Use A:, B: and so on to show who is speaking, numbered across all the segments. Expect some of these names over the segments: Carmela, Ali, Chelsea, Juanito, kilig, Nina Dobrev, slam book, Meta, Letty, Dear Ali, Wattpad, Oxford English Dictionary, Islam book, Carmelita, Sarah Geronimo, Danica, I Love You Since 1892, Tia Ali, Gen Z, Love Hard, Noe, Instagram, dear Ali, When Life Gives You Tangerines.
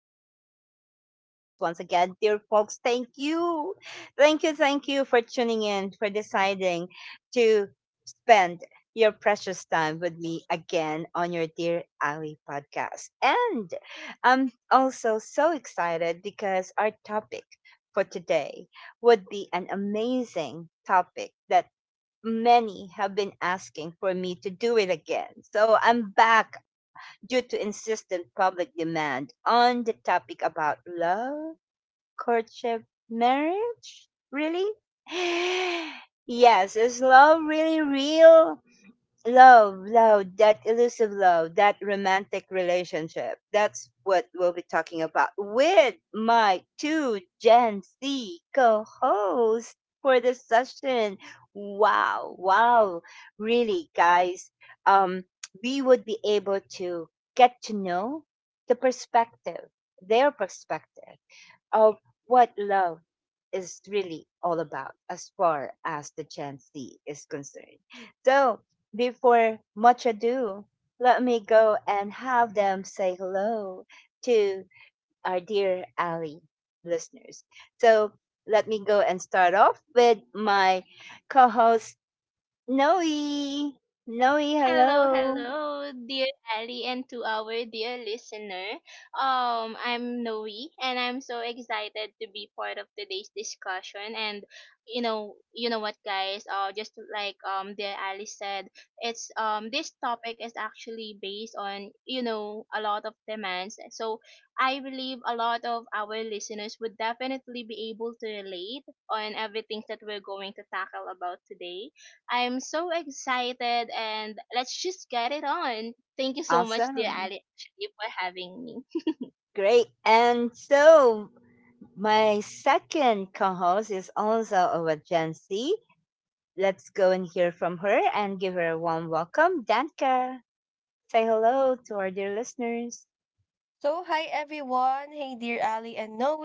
A: of your dear Ali podcast once again. Dear folks, thank you. Thank you for tuning in, for deciding to spend your precious time with me again on your dear Ali podcast. And I'm also so excited because our topic for today would be an amazing topic that many have been asking for me to do it again. So I'm back due to insistent public demand on the topic about love, courtship, marriage. Really? Yes, is love really real? Love, that elusive love, that romantic relationship. That's what we'll be talking about with my two Gen Z co hosts for this session. Wow. Really, guys, um, we would be able to get to know the perspective, their perspective of what love is really all about as far as the Gen Z is concerned. So, before much ado, let me go and have them say hello to our dear Ali listeners. So, let me go and start off with my co host, Noe. Noe,
B: Hello,
A: hello.
B: hello, dear Ali, and to our dear listener. I'm Noe, and I'm so excited to be part of today's discussion. And you know what, guys? Just like dear Ali said, it's this topic is actually based on a lot of demands. So I believe a lot of our listeners would definitely be able to relate on everything that we're going to tackle about today. I'm so excited and let's just get it on. Thank you so much, dear
A: Awesome.
B: Ali, actually, for having me.
A: Great. And so, my second co host is also a Gen Z. Let's go and hear from her and give her a warm welcome. Danka, say hello to our dear listeners.
C: So, hi everyone. Hey, dear Ali and Noe.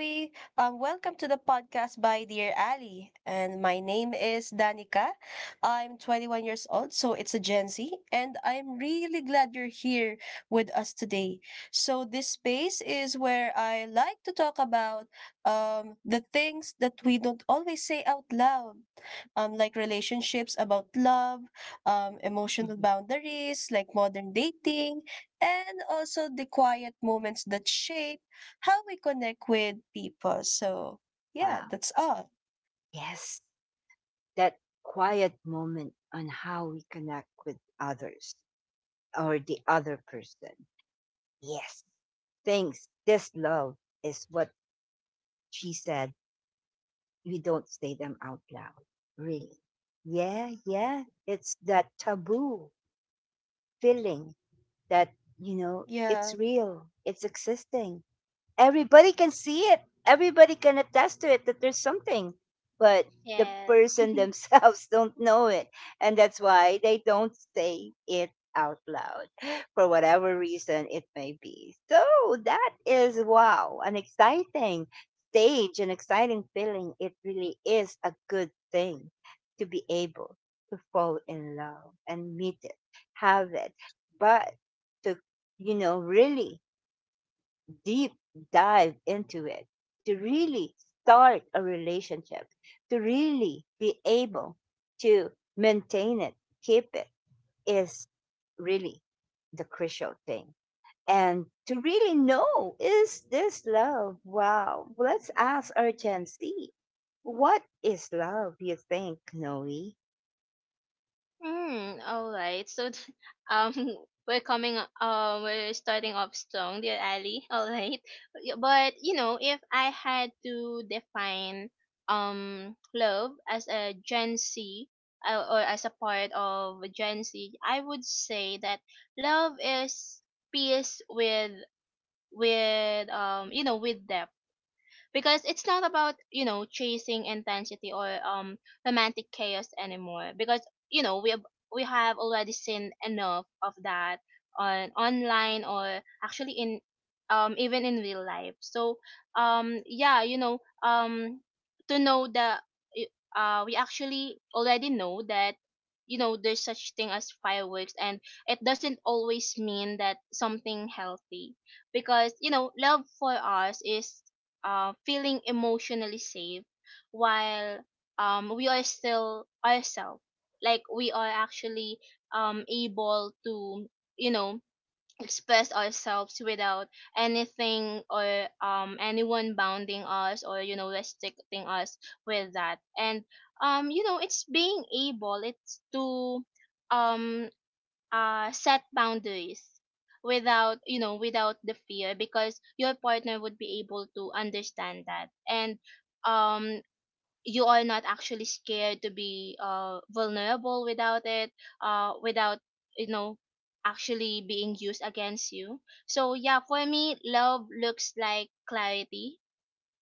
C: Welcome to the podcast by Dear Ali. And my name is Danica. I'm 21 years old, so it's a Gen Z. And I'm really glad you're here with us today. So, this space is where I like to talk about the things that we don't always say out loud, like relationships about love, emotional
A: Mhm.
C: boundaries, like modern dating, and also the quiet moments that shape how we connect with people. So, yeah,
A: Wow.
C: that's all.
A: Yes, that quiet moment on how we connect with others or the other person. Yes, things, this love is what she said. We don't say them out loud, really. Yeah, yeah, it's that taboo feeling that you know it's
C: Yeah.
A: real, it's existing, everybody can see it, everybody can attest to it, that there's something, but the
B: Yes.
A: person themselves don't know it, and that's why they don't say it out loud for whatever reason it may be. So that is, wow, an exciting stage, an exciting feeling. It really is a good thing to be able to fall in love and meet it, have it, but to, you know, really deep dive into it, to really start a relationship, to really be able to maintain it, keep it, is really the crucial thing. And to really know, is this love? Wow. Let's ask our Gen Z, what is love, you think, Noe?
B: Hmm. All right. So, um, we're coming. We're starting off strong, dear Ali. All right. But if I had to define love as a Gen Z, or as a part of Gen Z, I would say that love is peace with with them, because it's not about chasing intensity or romantic chaos anymore, because we have already seen enough of that on online, or actually in even in real life. So yeah, um to know that y- we actually already know that there's such thing as fireworks, and it doesn't always mean that something healthy, because love for us is feeling emotionally safe, while we are still ourselves, like we are actually able to you know express ourselves without anything or anyone bounding us, or restricting us with that. And it's being able it's to um set boundaries without without the fear, because your partner would be able to understand that. And um you are not actually scared to be vulnerable without it without you know actually being used against you. So yeah, for me, love looks like clarity,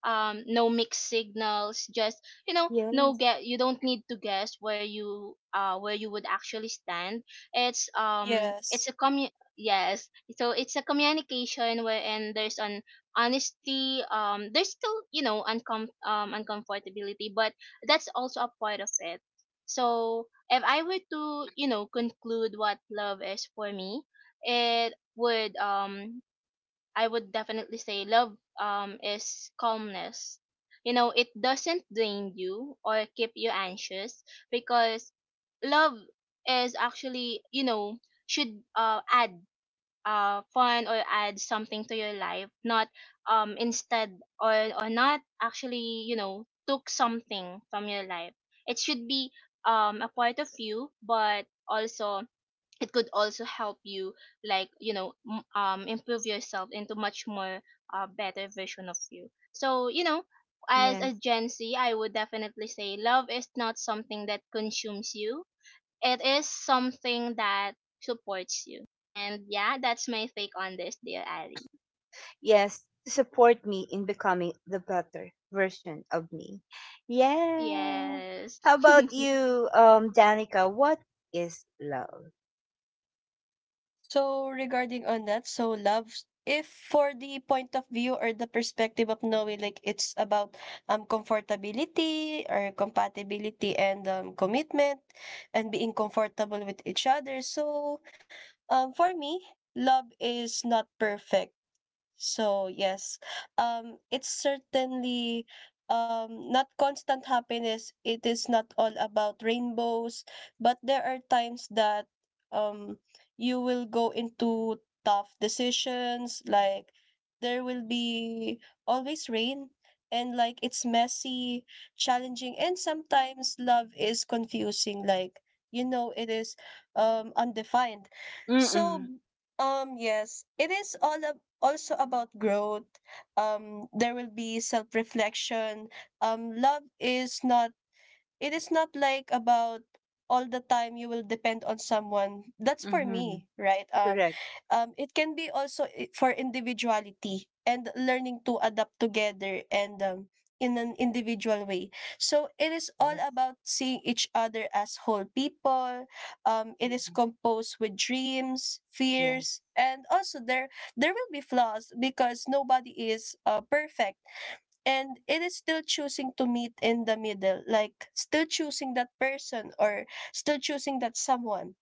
B: no mixed signals, just, no,
A: Yes.
B: get you don't need to guess where you, where you would actually stand. It's a
C: Yes.
B: commu Yes. So it's a communication, where and there's an honesty, there's still uncomfortability, but that's also a part of it. So if I were to, conclude what love is for me, it would I would definitely say love is calmness. You know, it doesn't drain you or keep you anxious, because love is actually, you know, should add fun, or add something to your life, not instead, or not actually, took something from your life. It should be a part of you, but also it could also help you, like improve yourself into much more better version of you. So as
A: Yeah.
B: a Gen Z, I would definitely say love is not something that consumes you. It is something that supports you. And yeah, that's my take on this, dear Ali.
A: Yes, to support me in becoming the better version of me. Yeah.
B: Yes.
A: How about you, Danica? What is love?
C: So regarding on that, so love, if for the point of view or the perspective of knowing, like it's about comfortability or compatibility and commitment and being comfortable with each other. So for me, love is not perfect. So yes, it's certainly not constant happiness. It is not all about rainbows, but there are times that um, you will go into tough decisions. Like there will be always rain, and like it's messy, challenging, and sometimes love is confusing. Like you know, it is undefined.
A: Mm-mm.
C: So yes, it is also about growth. There will be self reflection. Love is not, it is not like about all the time you will depend on someone. That's for
A: Mm-hmm.
C: me, right?
A: Correct.
C: It can be also for individuality and learning to adapt together and, in an individual way. So it is all
A: Yes.
C: about seeing each other as whole people. It is
A: Mhm.
C: composed with dreams,
A: Yes.
C: fears, and also there will be flaws because nobody is perfect, and it is still choosing to meet in the middle, like still choosing that person or still choosing that someone.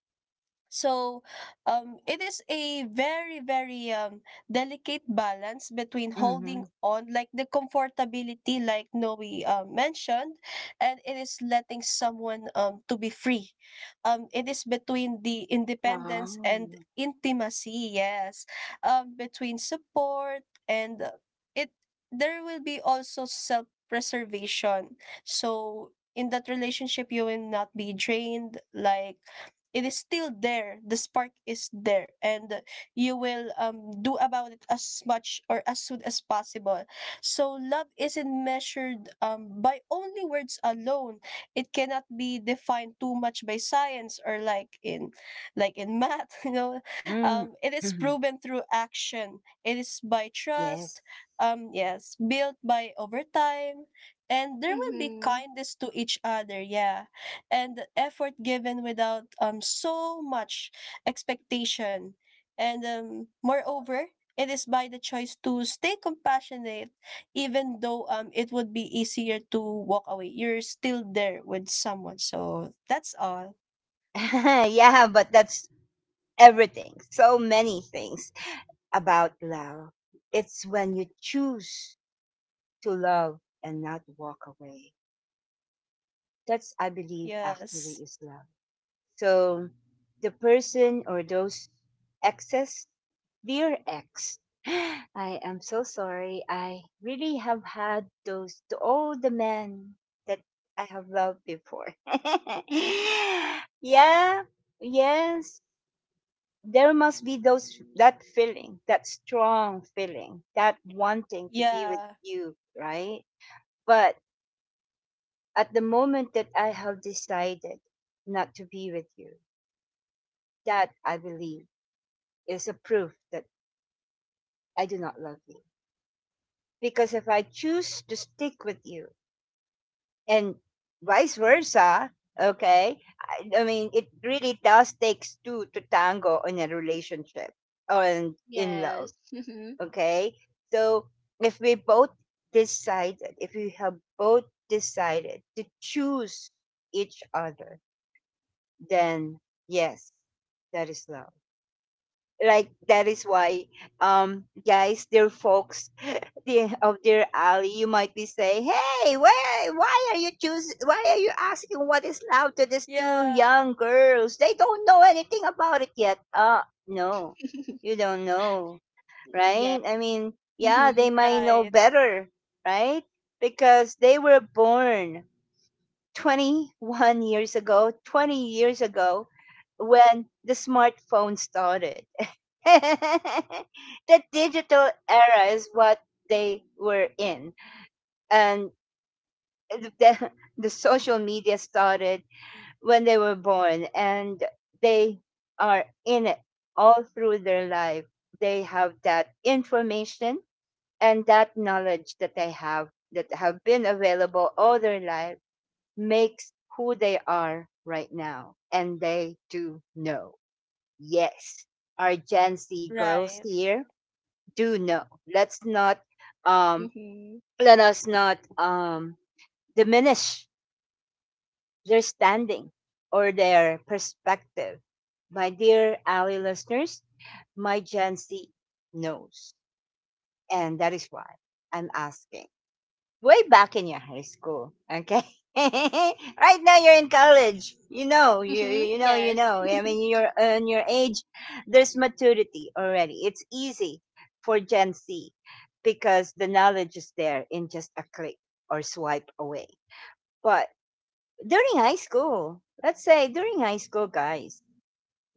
C: So, it is a very, very delicate balance between
A: Mm-hmm.
C: holding on, like the comfortability, like Noe mentioned, and it is letting someone to be free. It is between the independence
A: Wow.
C: and intimacy, yes, between support and it. There will be also self preservation. So, in that relationship, you will not be drained, like it is still there, the spark is there, and you will do about it as much or as soon as possible. So love isn't measured by only words alone. It cannot be defined too much by science or like in math you know,
A: Mm.
C: it is
A: Mhm.
C: proven through action, it is by
A: Yes.
C: trust, yes, built by over time, and there will be
B: Hmm.
C: kindness to each other. Yeah. And the effort given without so much expectation. And moreover, it is by the choice to stay compassionate, even though it would be easier to walk away. You're still there with someone. So that's all.
A: Yeah, but that's everything. So many things about love. It's when you choose to love and not walk away. That's, I believe, actually
C: Yes.
A: is love. So the person or those exes, dear ex, I am so sorry. I really have had those to all the men that I have loved before. Yeah, yes. There must be those that feeling, that strong feeling, that wanting to be with
C: Yeah.
A: you, right? But at the moment that I have decided not to be with you, that I believe is a proof that I do not love you. Because if I choose to stick with you and vice versa, okay, I mean, it really does takes two to tango in a relationship or in love,
B: Yes. Hmm.
A: okay? So if we both decided, if we have both decided to choose each other, then yes, that is love. Like that is why, guys, dear folks, the of dear Ali, you might be saying, "Hey, why are you choose? Why are you asking what
C: Yeah.
A: is love to these two young girls? They don't know anything about it yet." Uh, no, you don't know,
B: Yes.
A: right? I mean, yeah, they
B: Hmm.
A: might know
C: Right.
A: better, right? Because they were born 21 years ago, 20 years ago, when the smartphone started. The digital era is what they were in. And the, the, social media started when they were born, and they are in it all through their life. They have that information and that knowledge that they have, that have been available all their life, makes who they are right now. And they do know. Yes, our Gen Z girls
C: Right.
A: here do know. Let's not, um, Let us not, diminish their standing or their perspective. My dear Ally listeners, my Gen Z knows. And that is why I'm asking. Way back in your high school. Okay. Right now you're in college. You know, you
B: Hmm.
A: you know, you
B: Yes.
A: know. I mean, you're on your age. There's maturity already. It's easy for Gen Z because the knowledge is there in just a click or swipe away. But during high school, let's say during high school, guys,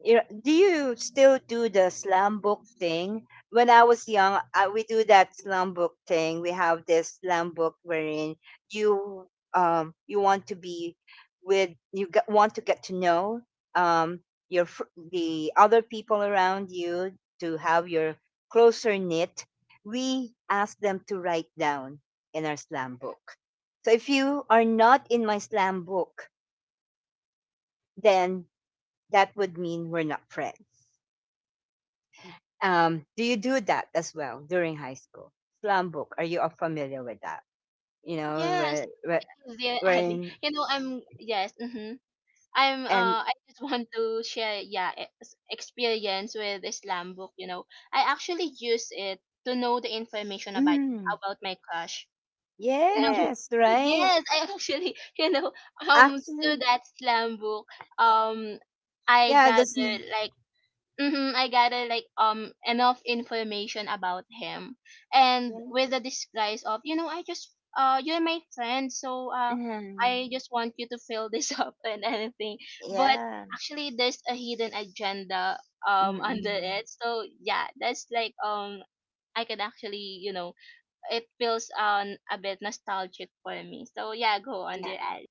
A: you know, do you still do the slam book thing? When I was young, I, we do that slam book thing. We have this slam book wherein you you want to be with you get, want to get to know um your fr- the other people around you to have your closer knit. We ask them to write down in our slam book. So if you are not in my slam book, then that would mean we're not friends. Do you do that as well during high school? Slam book. Are you all familiar with that? You know,
B: Yes. Yeah, Ali.
A: wherein
B: I'm yes, mm-hmm. I'm
A: and
B: uh I just want to share, yeah, experience with Islam book, you know. I actually use it to know the information
A: mm,
B: about my crush. You know,
A: yes, right.
B: yes, I actually, through
A: Actually,
B: that Islam book, um I
A: yeah, that's
B: gathered like I gather like enough information about him, and
A: mm,
B: with the disguise of I just you're my friend, so I just want you to fill this up and anything. But
A: yeah,
B: actually, there's a hidden agenda under
A: mm-mm.
B: it. So yeah, that's like I can actually you know it feels a bit nostalgic for me. So yeah, go on,
A: yeah,
B: dear Ali.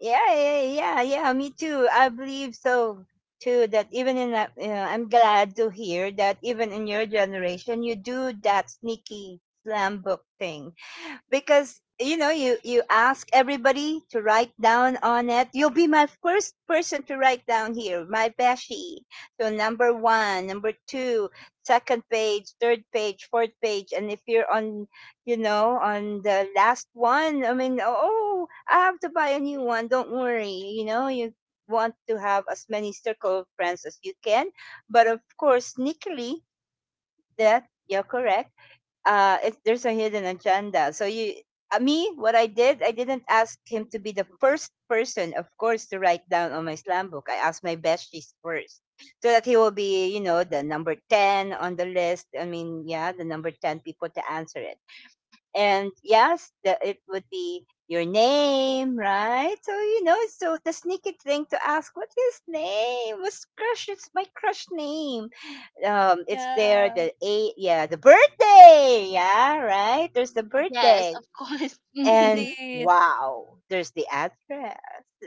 A: yeah, yeah. Me too. I believe so too. That even in that, you know, I'm glad to hear that even in your generation, you do that sneaky slam book thing because you know you ask everybody to write down on it. You'll be my first person to write down here, my beshi. So number one, number two, second page, third page, fourth page, and if you're on, you know, on the last one, I mean, oh, I have to buy a new one. Don't worry, you know, you want to have as many circle of friends as you can, but of course, sneakily, that you're correct, it, there's a hidden agenda. So you, me, what I did, I didn't ask him to be the first person, of course, to write down on my slam book. I asked my besties first, so that he will be, you know, the number 10 on the list. I mean, yeah, the number 10 people to answer it. And yes, the, it would be your name, right? So, you know, so the sneaky thing to ask what is his name, what's crush, it's my crush name, it's there.
C: Yeah.
A: The, a, yeah, the birthday, yeah, right, there's the
B: Yes,
A: birthday,
B: of course.
A: and
B: Mhm.
C: Indeed.
A: wow, there's the address,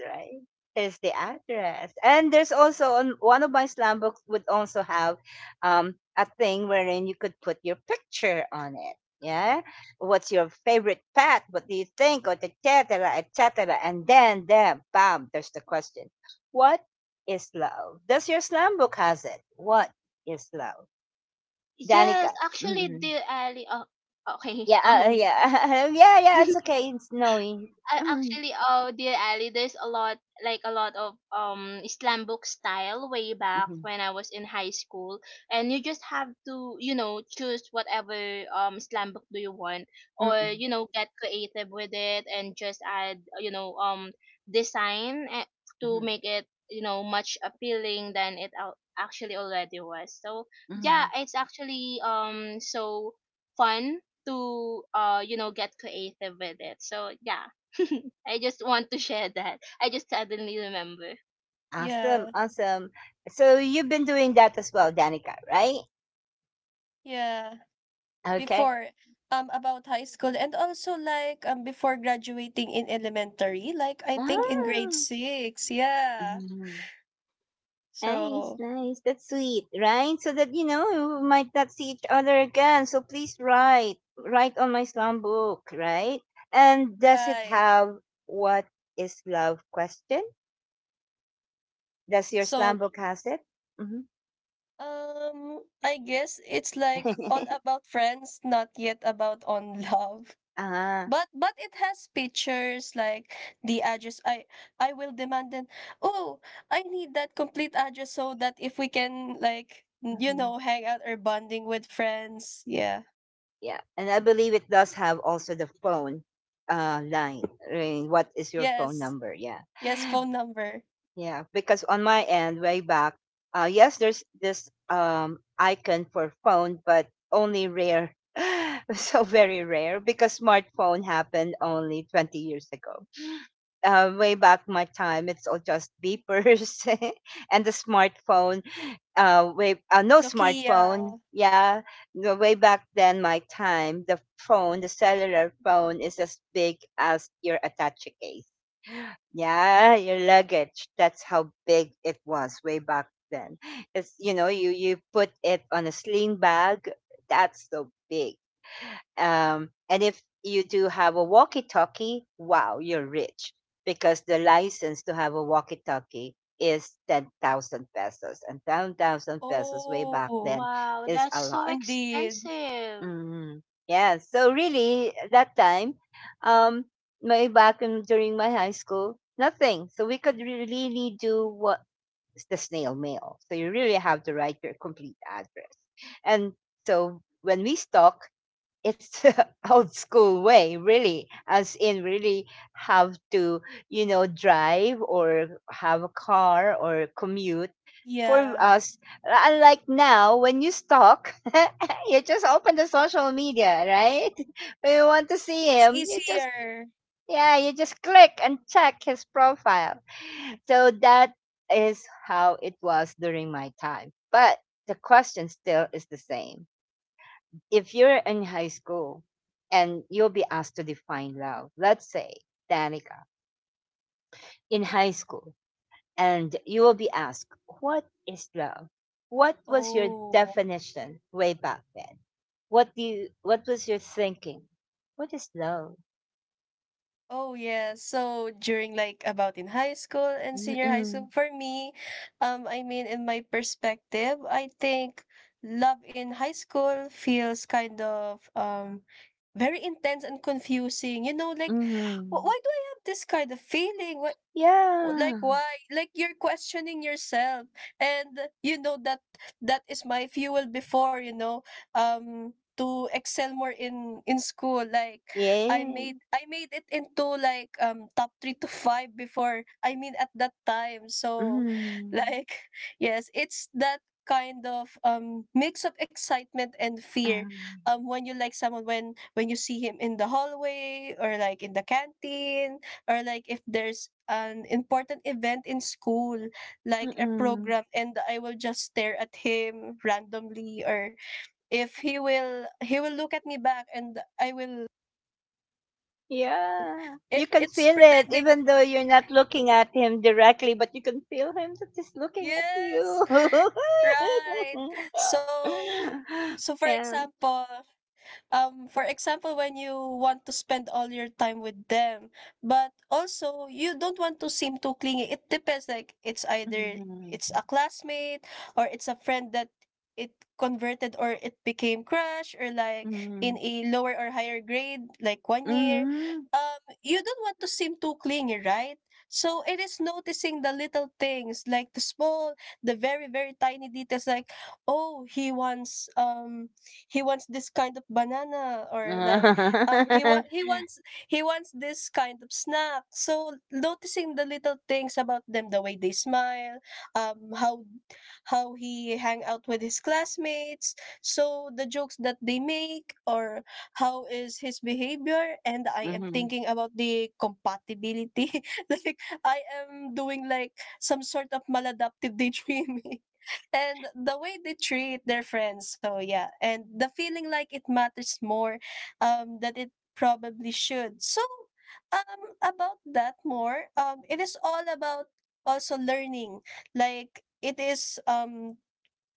A: right, there's the address. And there's also on one of my slam books would also have a thing wherein you could put your picture on it, yeah, what's your favorite pet, what do you think, or et cetera, et cetera. And then there, bam, there's the question, what is love? Does your slam book has it? What is love, Danica?
B: Yes, actually,
A: Mm-mm.
B: dear Ali. Okay.
A: Yeah, yeah, yeah, yeah. It's okay. It's snowy.
B: I
A: Mm-hmm.
B: actually, oh dear Ali, there's a lot, like a lot of slam book style way back
A: Mm-hmm.
B: when I was in high school, and you just have to, choose whatever slam book do you want, or
A: Mm-hmm.
B: get creative with it, and just add, design, to
A: Mm-hmm.
B: make it, you know, much appealing than it actually already was. So
A: Mm-hmm.
B: yeah, it's actually so fun to get creative with it, so yeah. I just want to share that. I just suddenly remember.
A: Awesome,
C: Yeah.
A: awesome. So you've been doing that as well, Danica, right?
C: Yeah.
A: Okay.
C: Before about high school and also like before graduating in elementary, like I think in grade
A: Ah,
C: 6. Yeah.
A: mhm. nice,
C: So
A: nice. That's sweet, right? So that you know we might not see each other again. So please write on my slam book, right? And does it
C: right.
A: have what is love question? Does your slam
C: So
A: book has it? Mm-hmm.
C: I guess it's like all about friends, not yet about on love,
A: Ah,
C: but it has pictures like the address. I will demand then. Oh, I need that complete address so that if we can like you
A: hmm,
C: know, hang out or bonding with friends. Yeah.
A: yeah. And I believe it does have also the phone line. Right? What is your phone
C: Yes.
A: number? Yeah.
C: Yes, phone number.
A: Yeah. Because on my end, way back, yes, there's this icon for phone, but only rare. So very rare because smartphone happened only 20 years ago. Way back my time, it's all just beepers, and the smartphone, no
C: Nokia.
A: smartphone. Yeah, the way back then, my time, the phone, the cellular phone, is as big as your attache case. Yeah, your luggage. That's how big it was way back then. It's, you know, you put it on a sling bag. That's so big, and if you do have a walkie talkie, wow, you're rich because the license to have a walkie talkie is 10,000 pesos. And 10,000 pesos way back
C: Oh,
A: then
B: Wow,
A: is
B: that's
A: a
B: so
A: lot.
C: indeed.
B: expensive.
A: Mhm. Yeah. So, really, that time, um, my back in, during my high school, nothing. So, we could re- really do what, the snail mail. So, you really have to write your complete address. And so, when we stalk, it's old school way, really, as in really have to, you know, drive or have a car or commute. For
C: Yeah.
A: us, unlike now, when you stalk, you just open the social media, right? When you want to see
C: It's
A: him, you just,
C: easier.
A: yeah, you just click and check his profile. So that is how it was during my time. But the question still is the same if you're in high school and you'll be asked to define love, let's say, Danica, in high school, and you will be asked, what is love? What was your
C: Oh.
A: definition way back then? What was your thinking? What is love?
C: Oh, yeah. So during like about in high school and senior high school,
A: Mm-mm.
C: for me, I mean, in my perspective, I think love in high school feels kind of very intense and confusing. You know, like,
A: Mm-mm.
C: Why do I have this kind of feeling? Why, like
A: Yeah.
C: why," like you're questioning yourself, and you know that that is my fuel before, you know, to excel more in school, like i
A: Yeah.
C: made i made it into like top 3 to 5 before, I mean at that time.
A: Mm
C: So
A: Hmm.
C: like yes, it's that kind of mix of excitement and fear,
A: Um,
C: when you like someone, when you see him in the hallway or like in the canteen, or like if there's an important event in school, like a
A: Mm-mm.
C: program, and I will just stare at him randomly, or if he will look at me back, and I will,
A: Yeah.
C: it
A: You can
C: it's
A: feel it
C: pretending.
A: even though you're not looking at him directly, but you can feel him that he's looking at you.
C: Yes, right. So, so for
A: Yeah.
C: example, for example, when you want to spend all your time with them, but also you don't want to seem too clingy. It depends, like it's either
A: Mhm.
C: it's a classmate, or it's a friend that it converted or it became crush, or like in a lower or higher grade, like one
A: Mhm.
C: year,
A: Mhm.
C: you don't want to seem too clingy, right? So it is noticing the little things, like the small, the very very tiny details, like, oh, he wants um, this kind of banana, or like, um he wa- he wants he wants this kind of snack. So noticing the little things about them, the way they smile, um how how he hang out with his classmates, so the jokes that they make, or how is his behavior, and I am
A: Mhm.
C: thinking about the compatibility like I am doing like some sort of maladaptive daydreaming, and the way they treat their friends. So yeah, and the feeling like it matters more that it probably should. So about that more, it is all about also learning. Like it is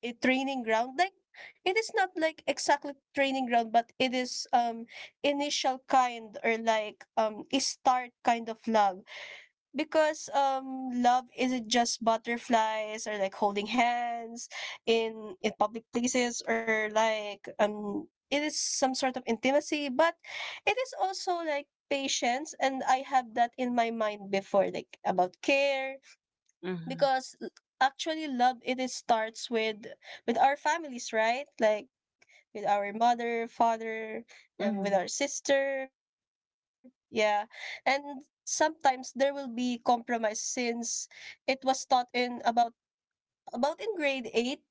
C: a training ground. Like it is not like exactly training ground, but it is initial kind, or like a start kind of love, because love isn't just butterflies or like holding hands in public places, or like it is some sort of intimacy, but it is also like patience, and I have that in my mind before, like about care,
A: Mhm.
C: because actually love, it is starts with our families, right? Like with our mother, father, and with our
A: Mhm.
C: sister. Yeah. And sometimes there will be compromise, since it was taught in about in grade 8, um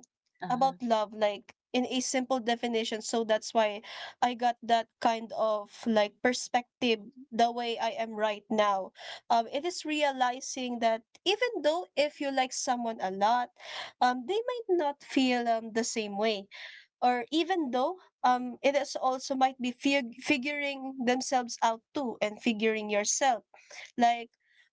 C: about love
A: Uh-huh.
C: like in a simple definition, so that's why I got that kind of like perspective, the way I am right now. Um, it is realizing that even though if you like someone a lot, they might not feel the same way, or even though it is also might be figuring themselves out too, and figuring yourself, like,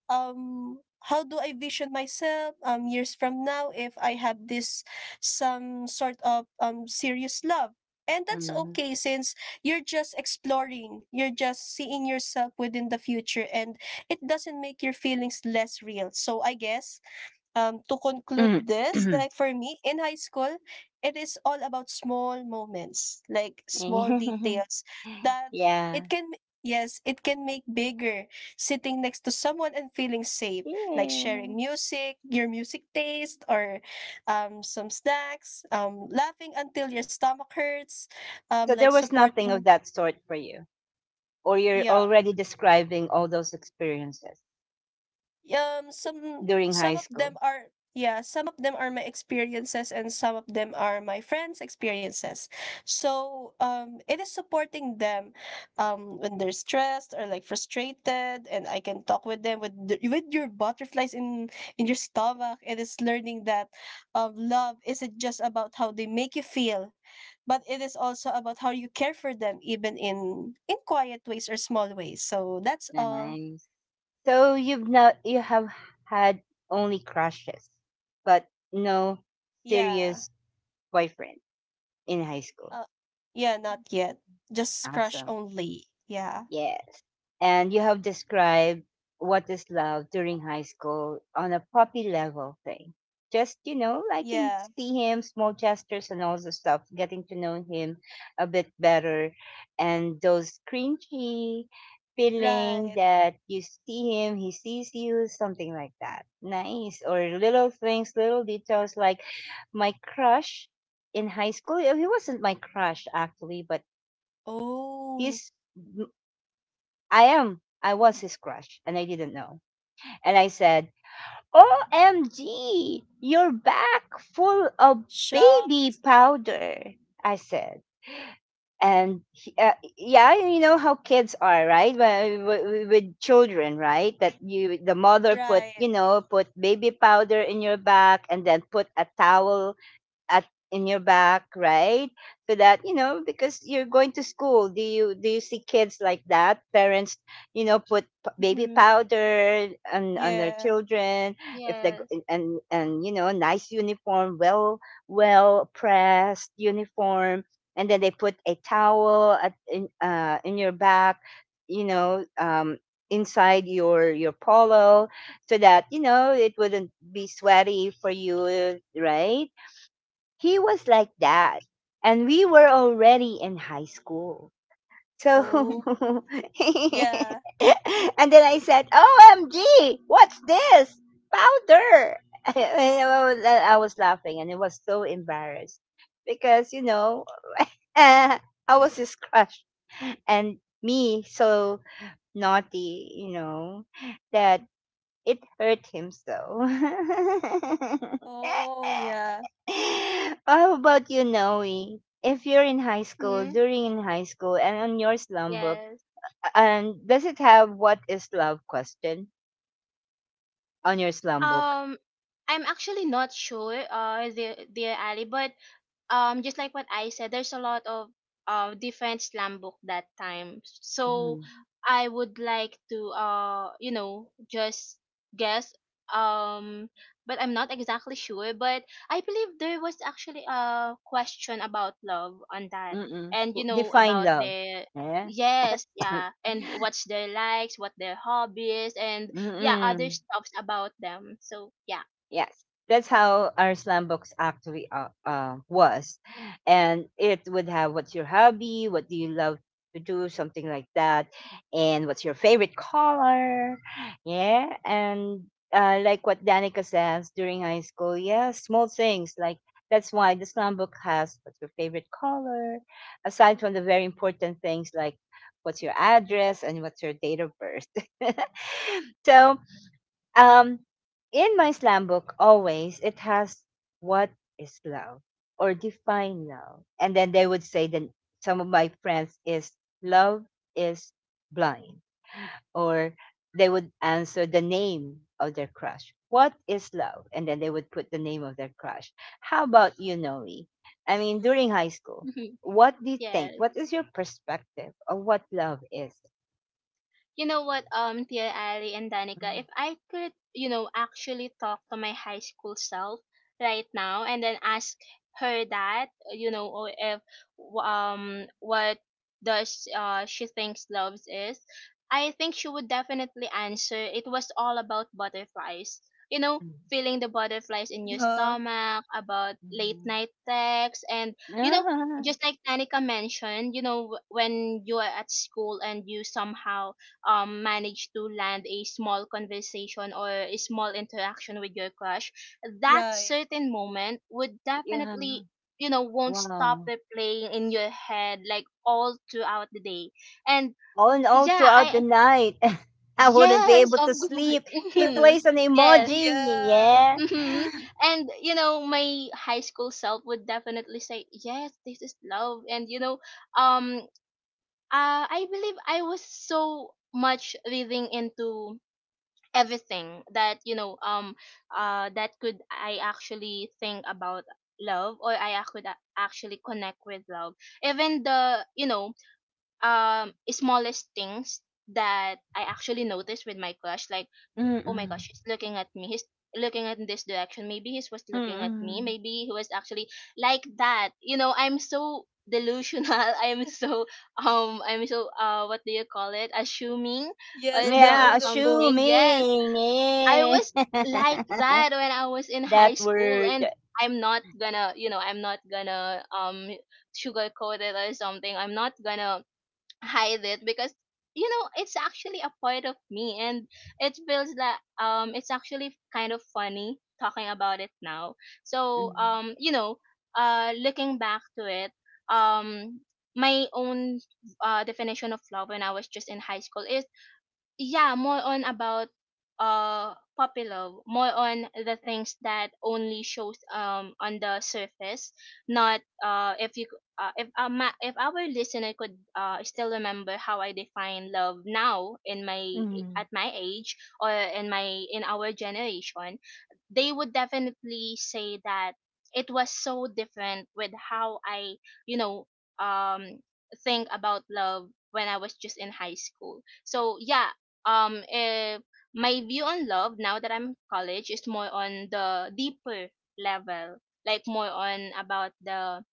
C: um how do I vision myself years from now, if I have this some sort of serious love, and that's
A: Mhm.
C: okay, since you're just exploring, you're just seeing yourself within the future, and it doesn't make your feelings less real. So I guess, to conclude this,
A: Mhm.
C: like for me in high school, it is all about small moments, like small details that
A: Yeah.
C: it can, yes, it can make bigger. Sitting next to someone and feeling safe, like sharing
A: Yeah.
C: music, your music taste, or some snacks, laughing until your stomach hurts,
A: So there
C: like
A: was nothing of
C: supporting.
A: that sort for you, or you're
C: Yeah.
A: already describing all those experiences during
C: Some
A: high
C: of them
A: school.
C: are yeah, some of them are my experiences, and some of them are my friends' experiences. So it is supporting them when they're stressed or like frustrated, and I can talk with them with the, with your butterflies in your stomach. It is learning that love isn't just about how they make you feel, but it is also about how you care for them, even in quiet ways or small ways. So that's all.
A: Nice. So you've not you have had only crushes, but no
C: Yeah.
A: serious boyfriend in high school.
C: Uh, yeah, not yet. Just crush
A: Awesome.
C: only. Yeah.
A: Yes. And you have described what is love during high school on a puppy level thing. Just, liking to
C: Yeah.
A: see him, small gestures and all the stuff, getting to know him a bit better. And those cringy feeling
C: Right.
A: that you see him, he sees you, something like that. Nice. Or little things, little details like my crush in high school. He wasn't my crush actually, but
C: Oh,
A: he's I am. I was his crush and I didn't know. And I said, OMG, you're back full of
C: shock.
A: baby powder. I said. Yeah, you know how kids are, right? With children, right? That you, the mother put,
C: Right.
A: you know, put baby powder in your back, and then put a towel at in your back, right, so that because you're going to school. Do you see kids like that, parents, baby
B: Hmm.
A: powder on their
C: Yeah.
A: children if they go-
B: Yes.
A: and nice uniform, well pressed uniform, and then they put a towel at in your back, you know um inside your polo, so that it wouldn't be sweaty for you, right? He was like that. And we were already in high school. So,
C: Oh,
A: and
C: yeah.
A: then I said, OMG, what's this? Powder. And I was laughing, and it was so embarrassed because, I was his crush. And me, so naughty, that it hurt him so.
C: Oh, yeah.
A: How about you, Noe? If you're in high school,
B: Hmm.
A: during in high school, and on your slum book,
B: Yes.
A: and does it have what is love question on your slum book?
B: Um, I'm actually not sure, dear Ali, but just like what I said, there's a lot of different slam book that time. So
A: Mm.
B: I would like to just guess, um but I'm not exactly sure, but I believe there was actually a question about love on that,
A: Mm-mm.
B: and you know
A: Define
B: about
A: love.
B: the
A: Yeah.
B: yes, yeah, and what's their likes, what their hobbies, and yeah, other
A: Mm-mm.
B: stuffs about them, so yeah.
A: Yes, that's how our slam books actually was, and it would have what's your hobby, what do you love to do, something like that, and what's your favorite color, yeah, and like what Danica says during high school, yeah, small things like that's why the slam book has what's your favorite color, aside from the very important things like what's your address and what's your date of birth. So, um, in my slam book, always it has what is love or define love, and then they would say that some of my friends is love is blind, or they would answer the name of their crush. What is love? And then they would put the name of their crush. How about you, Noe? I mean, during high school, what do you think?
B: Yes.
A: What is your perspective of what love is?
B: You know what, Tia Ali and Danica,
A: Mm,
B: if I could, actually talk to my high school self right now and then ask her that, or if what does she thinks loves is, I think she would definitely answer it was all about butterflies. You know,
A: mm,
B: feeling the butterflies in your
C: Huh.
B: stomach, about late
A: mhm.
B: night texts, and, you know,
A: Ah,
B: just like Danica mentioned, you know, when you are at school and you somehow manage to land a small conversation or a small interaction with your crush, that
C: Right.
B: certain moment would
A: Yeah.
B: definitely you know won't stop
A: Wow.
B: replaying in your head, like all throughout the day. And
A: Oh, all
B: yeah,
A: throughout the
B: I
A: night. I wouldn't be
B: yes,
A: able
B: of
A: to
B: course.
A: sleep. He
B: Mhm.
A: plays an
B: Yes.
A: emoji.
C: Yeah.
A: Yeah.
B: Hmm. And you know, my high school self would definitely say, "Yes, this is love." And um, I believe I was so much living into everything, that could I actually think about love, or I could actually connect with love, even the smallest things that I actually noticed with my crush, like, oh my
A: Mm-mm.
B: gosh, he's looking at me, he's looking at this direction, maybe he was looking at me,
A: Mm-mm.
B: maybe he was actually, like that. You know, I'm so delusional. i'm so I'm so, what do you call it, assuming,
C: Yes,
B: or
C: the
A: Yeah,
C: lulu.
B: something. Yes.
A: assuming.
B: I
A: Yeah.
B: was like that when I was in high
A: That
B: school.
A: word.
B: And I'm not gonna sugarcoat it or something. I'm not gonna hide it, because, it's actually a part of me, and it feels like it's actually kind of funny talking about it now. So,
A: Mm-hmm.
B: looking back to it, um my own definition of love when I was just in high school, yeah, more on about uh puppy love, more on the things that only shows on the surface, not if you c- if ma- if our listener could still remember how I define love now in my,
A: Mm-hmm.
B: at my age, or in my, in our generation, they would definitely say that it was so different with how I, you know, um think about love when I was just in high school. So yeah, um eh, my view on love now that I'm in college is more on the deeper level, like more on about the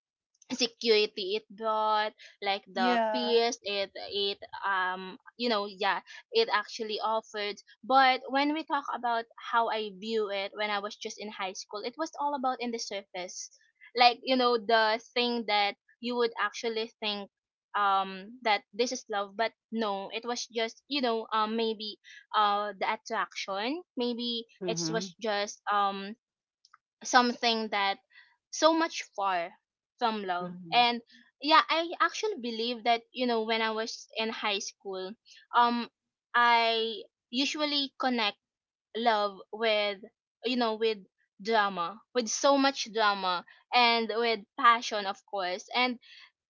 B: security it brought, like the
C: Yeah.
B: peace it it you know yeah it actually offered. But when we talk about how I view it when I was just in high school, it was all about in the surface, like, the thing that you would actually think, that this is love. But no, it was just, maybe the attraction, maybe it was just something that so much far from love.
A: Mm-hmm.
B: And yeah, I actually believe that, when I was in high school, um I usually connect love with, you know with drama, with so much drama, and with passion, of course. And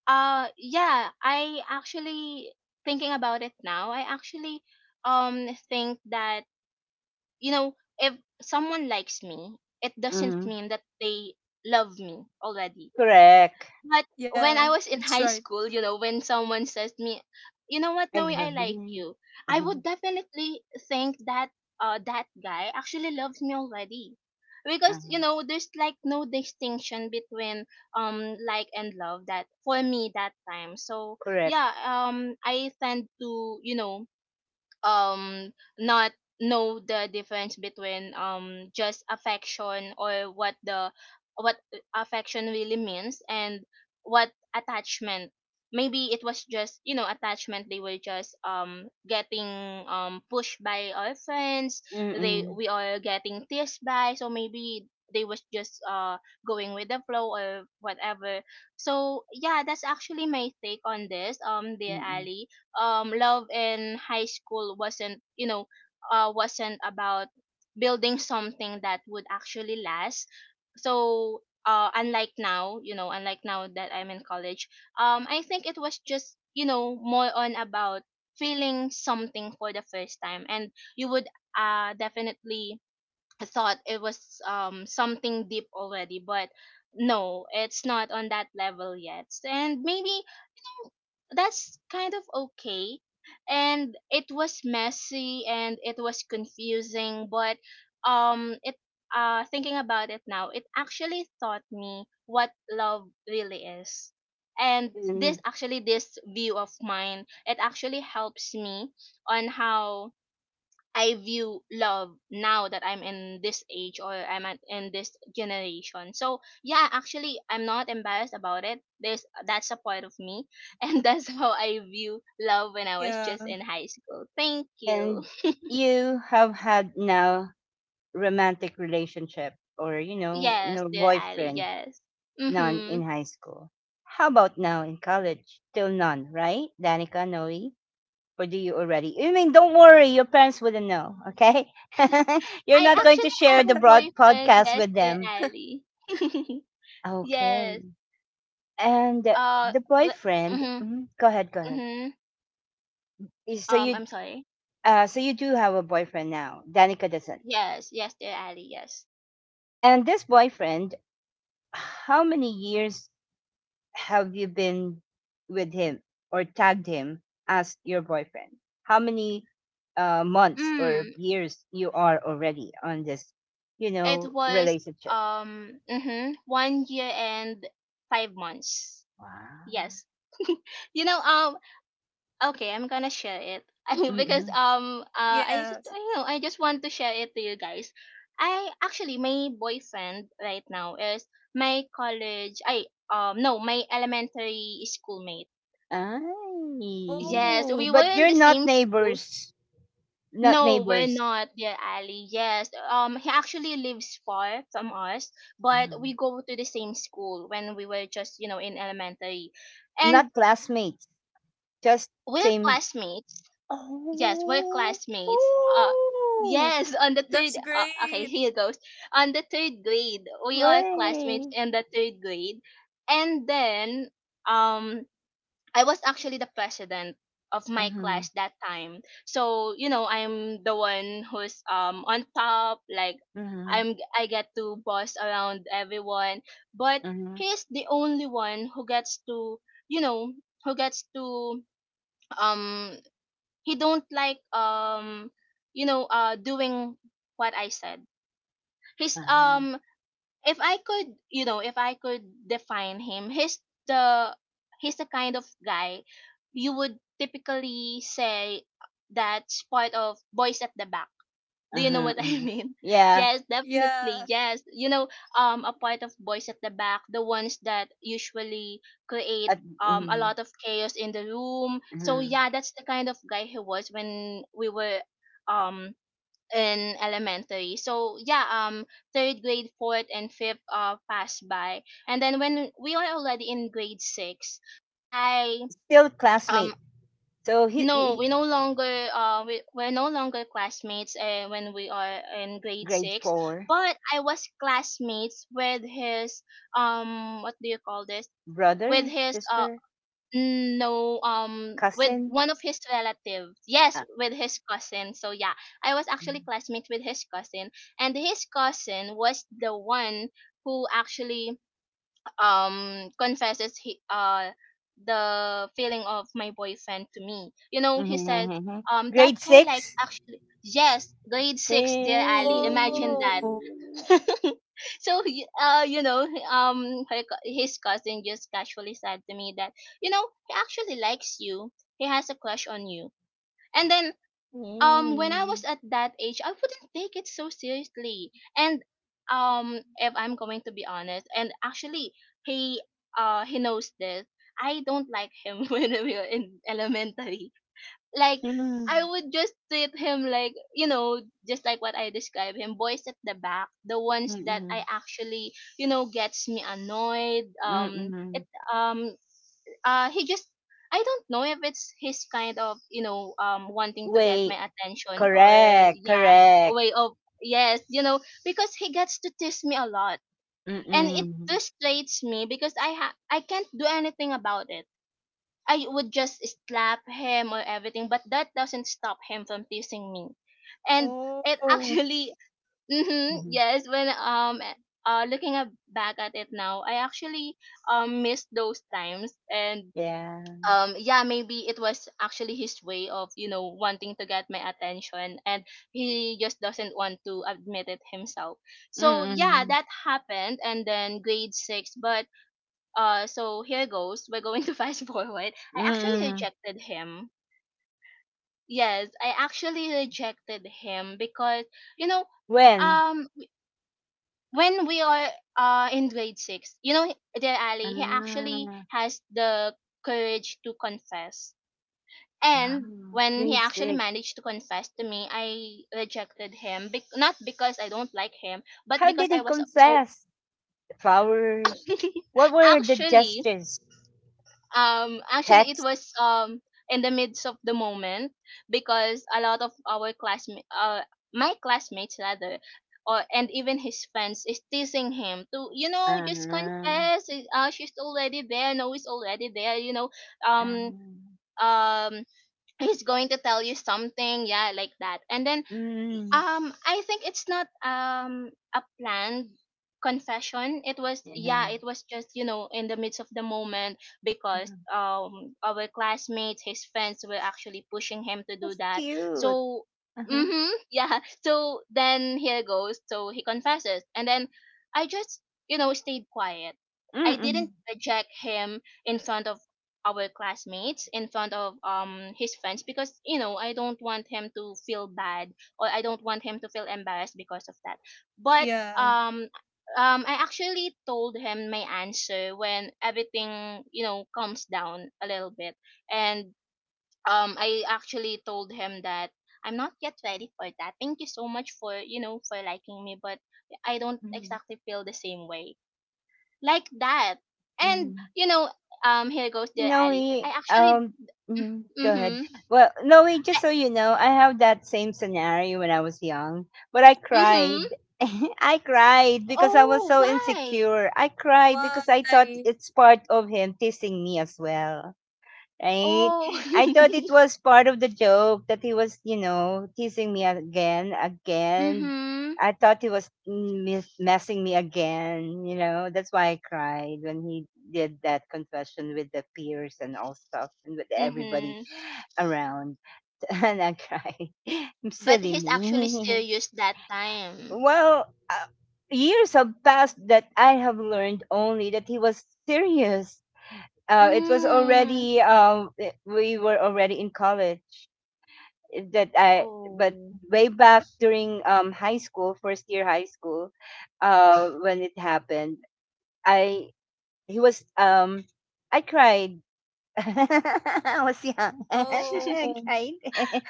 B: yeah, I actually, thinking about it now, I actually think that, you know, if someone likes me, it doesn't
A: Mm-hmm.
B: mean that they love me already.
A: Correct.
B: But when
C: Yeah.
B: I was in
C: That's
B: high
C: right.
B: school, you know, when someone says to me, "You know what,
A: I
B: Noe, I
A: love
B: like
A: it.
B: you," I would definitely think that guy actually loves me already. Because,
A: Uh,
B: there's like no distinction between like and love, that for me that time. So
A: Correct.
B: yeah, I tend to, you know, um not know the difference between just affection, or what affection really means, and what attachment. Maybe it was just, attachment. They were just getting pushed by our friends. they
A: Mm-mm.
B: we are getting teased by, so maybe they was just going with the flow or whatever. So yeah, that's actually my take on this, dear
A: Mm-mm.
B: Ali. Love in high school wasn't you know wasn't about building something that would actually last. So unlike now, that I'm in college, I think it was just, you know, more on about feeling something for the first time. And you would definitely I thought it was something deep already, but no, it's not on that level yet. And maybe, you know, that's kind of okay. And it was messy and it was confusing, but it thinking about it now, it actually taught me what love really is. And this
A: And,
B: actually this view of mine, it actually helps me on how I view love now that I'm in this age, or I'm at, in this generation. So yeah, actually, I'm not embarrassed about it. There's That's a part of me, and that's how I view love when I was
C: Yeah.
B: just in high school. Thank you.
A: and you have had now romantic relationship or,
B: Yes,
A: no
B: dear Ali.
A: boyfriend,
B: Yes.
A: none in
B: Mhm.
A: high school. How about now in college? Still none, right? Danica, Noe? Or do you already? I mean, don't worry, your parents wouldn't know, okay? You're
B: I
A: not going to
B: actually
A: share
B: have
A: the
B: a
A: broad
B: boyfriend.
A: podcast
B: Yes,
A: with
B: dear
A: them.
B: Ali. Yes.
A: Okay. And
B: I.
A: the
B: But,
A: boyfriend,
B: mhm.
A: mhm, go ahead, go ahead.
B: Mhm.
A: Y- So you,
B: I'm sorry.
A: so you do have a boyfriend now. Danica doesn't.
B: Yes. Yes, dear Ali. Yes.
A: And this boyfriend, how many years have you been with him or tagged him as your boyfriend? How many months or
B: Mm.
A: years you are already on this,
B: It was
A: relationship?
B: mhm, 1 year and 5 months.
A: Wow.
B: Yes. you know um okay, I'm gonna share it. I mean, because
A: Mm-hmm.
C: Yeah.
B: I know, I just want to share it to you guys. I actually My boyfriend right now is my college I no my elementary schoolmate.
A: Ay.
B: Yes, we
C: Oh,
B: were
A: But
B: in
A: you're
B: the
A: not
B: same school.
A: neighbors, not
B: No, we're
A: neighbors.
B: not, dear Ali. Yes, he actually lives far from us, but
A: Mm.
B: we go to the same school when we were just, you know, in elementary,
A: Not
B: and
A: classmates, just
B: we're
A: same.
B: classmates. Yes, we're
A: Oh,
B: classmates.
A: oh,
B: Yes, on the third.
C: that's
B: Okay,
C: great.
B: here goes. On the third grade, we are classmates
A: way.
B: in the third grade. And then um I was actually the president of my
A: Mm-hmm.
B: class that time. So, you know, I'm the one who's on top. Like,
A: Mm-hmm.
B: I get to boss around everyone, but
A: Mm-hmm.
B: he's the only one who gets to, you know, who gets to um he don't like, doing what I said. He's
A: Uh-huh.
B: If I could, you know, if I could define him, the he's the kind of guy you would typically say, that's part of boys at the back. Do you know
A: Uh-huh,
B: what I
A: uh-huh.
B: mean?
A: Yeah,
B: Yes, definitely.
C: Yeah.
B: Yes, you know, a part of boys at the back, the ones that usually create
A: at
B: a
A: mhm,
B: lot of chaos in the room. So
A: uh-huh.
B: yeah, that's the kind of guy he was when we were um in elementary. So yeah, third grade, fourth, and fifth passed by. And then when we are already in grade six, I
A: Still
B: um
A: classmate. So he,
B: no,
A: he
B: we no longer, we're no longer classmates, when we are in grade
A: grade
B: six.
A: four,
B: But I was classmates with his, what do you call this? With
A: brother,
B: his uh
A: sister,
B: No, with
A: cousin.
B: one of his relatives. Yes,
A: Uh,
B: with his cousin. So yeah, I was actually classmate with his cousin, and his cousin was the one who actually confesses, he the feeling of my boyfriend to me. You know, he said,
A: mhm.
B: that
A: Grade
B: guy like
A: six.
B: actually, yes, grade six, dear Ali. Imagine that.
C: Oh.
A: Mm-hmm,
B: So you know, his cousin just casually said to me that, you know, he actually likes you, he has a crush on you. And then, when I was at that age, I wouldn't take it so seriously. And if I'm going to be honest, and actually, he he knows this, I don't like him when we were in elementary, like, I
A: mm-hmm.
B: would just treat him like, you know, just like what I described him, boys at the back, the ones that, I actually, you know, gets me annoyed. It um he just I don't know if it's his kind of, you know, wanting to get my
A: Wait,
B: attention, or,
A: correct,
B: yeah,
A: correct.
B: way of, yes, you know, because he gets to tease me a lot, and it
A: Mm-mm.
B: frustrates me, because I can't do anything about it. I would just slap him or everything, but that doesn't stop him from teasing me. And it
C: Oh.
B: actually, yes, when, looking at, back at it now, I actually missed those times. And
A: Yeah.
B: yeah, maybe it was actually his way of, you know, wanting to get my attention, and he just doesn't want to admit it himself. So yeah,
A: Mm-mm.
B: that happened. And then grade six, but so here goes. We're going to fast forward. I actually
A: Mm-mm.
B: rejected him. Yes, I actually rejected him because, you know,
A: When?
B: um, when we are, in grade six, you know, dear Ali, he actually
A: Ah.
B: has the courage to confess. And
A: Wow,
B: when he
A: grade
B: actually
A: six.
B: managed to confess to me, I rejected him. Not because I don't like him, but
A: How
B: because
A: did he
B: I was so.
A: confess? Flowers? What were the
B: actually
A: gestures?
B: actually, it
A: Text?
B: was in the midst of the moment, because a lot of our classmates, my classmates rather, or and even his friends is teasing him to, you know, just
A: Uh,
B: confess. She's already there, no, he's already there, you know, um
A: um,
B: um he's going to tell you something, yeah, like that. And then,
A: mm,
B: I think it's not a planned confession. It was, yeah,
A: yeah.
B: it was just, you know, in the midst of the moment, because
A: uh
B: our classmates, his friends were actually pushing him to do
A: That's
B: that.
A: cute.
B: So,
A: Uh-huh.
B: mm-hmm, yeah. So then here goes. So he confesses, and then I just, you know, stayed quiet. I
A: Mm-mm.
B: didn't reject him in front of our classmates, in front of his friends, because, you know, I don't want him to feel bad, or I don't want him to feel embarrassed because of that. But
C: Yeah.
B: um I actually told him my answer when everything, you know, calms down a little bit. And I actually told him that I'm not yet ready for that. Thank you so much for, you know, for liking me, but I don't exactly feel the same way. Like that. And,
A: Mm-mm.
B: you know, here goes, dear
A: No,
B: Ali. I actually.
A: go ahead.
B: Mhm.
A: Well, no, we
B: I.
A: just so you know, I have that same scenario when I was young, but I
B: Mhm.
A: cried. I cried because I was
B: Oh,
A: so
B: why?
A: insecure. I cried
C: Why?
A: because I thought it's part of him teasing me as well, right?
B: Oh.
A: I thought it was part of the joke that he was, teasing me again, again.
B: Mhm.
A: I thought he was messing me again. That's why I cried when he did that confession with the peers and all stuff and with everybody
B: Mhm.
A: around. And I cried.
B: But
A: Silly
B: he's actually
A: me.
B: serious that time.
A: Well, years have passed that I have learned only that he was serious. It was
B: Mm.
A: already, we were already in college, eh, that I but
B: Oh.
A: way back during high school, first year high school, when it happened, I he was um, I cried. I was young. I
C: Oh.
A: cried.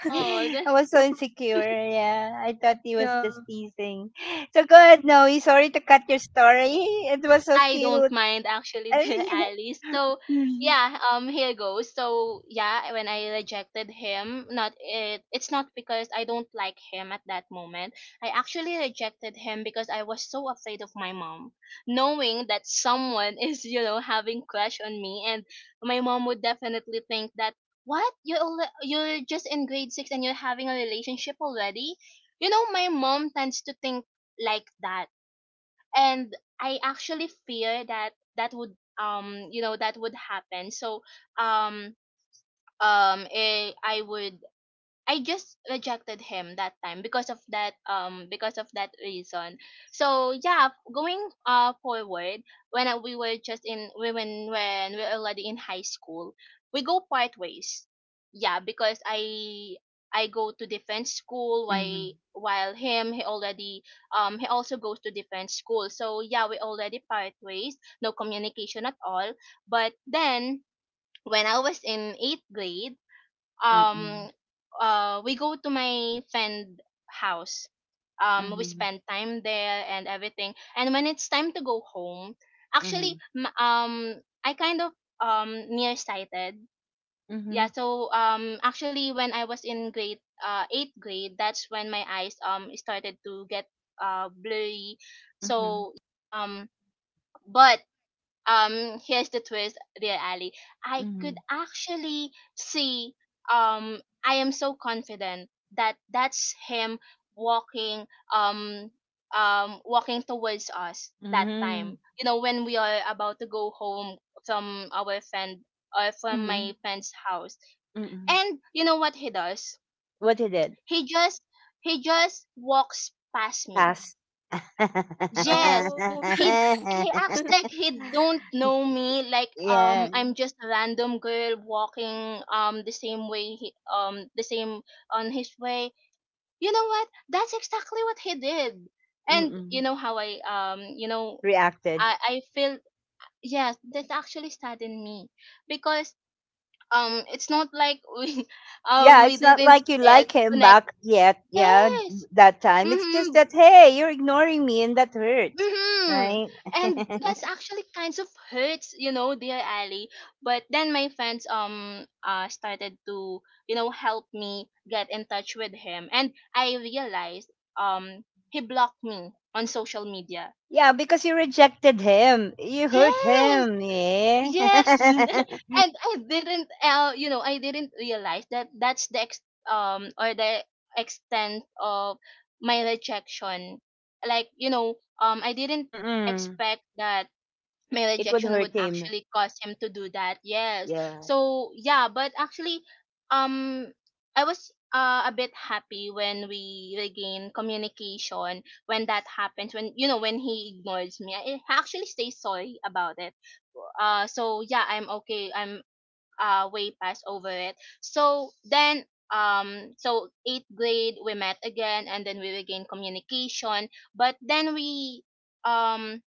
B: Oh.
A: I was so insecure. Yeah, I thought he was
C: Yeah.
A: just teasing. So go ahead, Noe, sorry to cut your story. It was so
B: I don't
A: cute.
B: mind actually the Alice. So
A: Mm,
B: yeah, here goes. So yeah, when I rejected him, not it it's not because I don't like him at that moment. I actually rejected him because I was so afraid of my mom. Knowing that someone is, you know, having crush on me, and my mom would definitely think that. What? You're just in grade 6 and you're having a relationship already? You know, my mom tends to think like that. And I actually fear that that would you know that would happen. So um um eh, I would I just rejected him that time because of that, because of that reason. So yeah, going forward, we were just in we- when we are already in high school, we go part ways. Yeah, because I go to defense school, while
A: mm,
B: while him, he also goes to defense school. So yeah, we already part ways, no communication at all. But then when I was in 8th grade,
A: mm, mm.
B: um we go to my friend house. We
A: Mhm,
B: spend time there and everything. And when it's time to go home, actually,
A: mhm,
B: I kind of, nearsighted. Yeah,
A: mhm,
B: so actually, when I was in grade, 8th grade, that's when my eyes started to get blurry.
A: mhm,
B: So yeah, but here's the twist, dear Ali. I could
A: mhm,
B: actually see. um I am so confident that that's him walking, um walking towards us that time,
A: mm,
B: you know, when we are about to go home from our friend, or from my
A: mhm,
B: friend's house.
A: mm.
B: And you know what he does?
A: What you it?
B: he just he just walks past me.
A: Pass.
B: Yes,
C: Oh.
B: he he acts like he don't know me. Like,
A: Yeah.
B: I'm just a random girl walking, the same way he the same on his way. You know what? That's exactly what he did. And you
A: Mm-mm.
B: know how I, you know,
A: Reacted.
B: I feel. Yes, that actually saddened me, because it's not like
A: Yeah,
B: we
A: it's not
B: didn't
A: like you
B: share
A: like him
B: connect.
A: back yet. Yeah,
B: Yes.
A: that time. It's
B: Mm-hmm.
A: just that, hey, you're ignoring me and that hurts.
B: hmm
A: Right?
B: And that's actually kinds of hurts, you know, dear Ali. But then my friends, started to, you know, help me get in touch with him, and I realized he blocked me on social media.
A: Yeah, because you rejected him. You hurt
B: Yes,
A: him. Yeah.
B: yes, and I didn't, you know, I didn't realize that that's the ex- or the extent of my rejection. Like I didn't
A: Mm-mm.
B: expect that my
A: It would
B: rejection
A: hurt
B: would
A: him.
B: actually cause him to do that, yes.
A: Yeah.
B: So yeah, but actually, um I was a bit happy when we regain communication. When that happens, when you know, when he ignores me, I actually say sorry about it. So yeah, I'm okay, I'm way past over it. So then, so eighth grade we met again and then we regained communication, but then we, um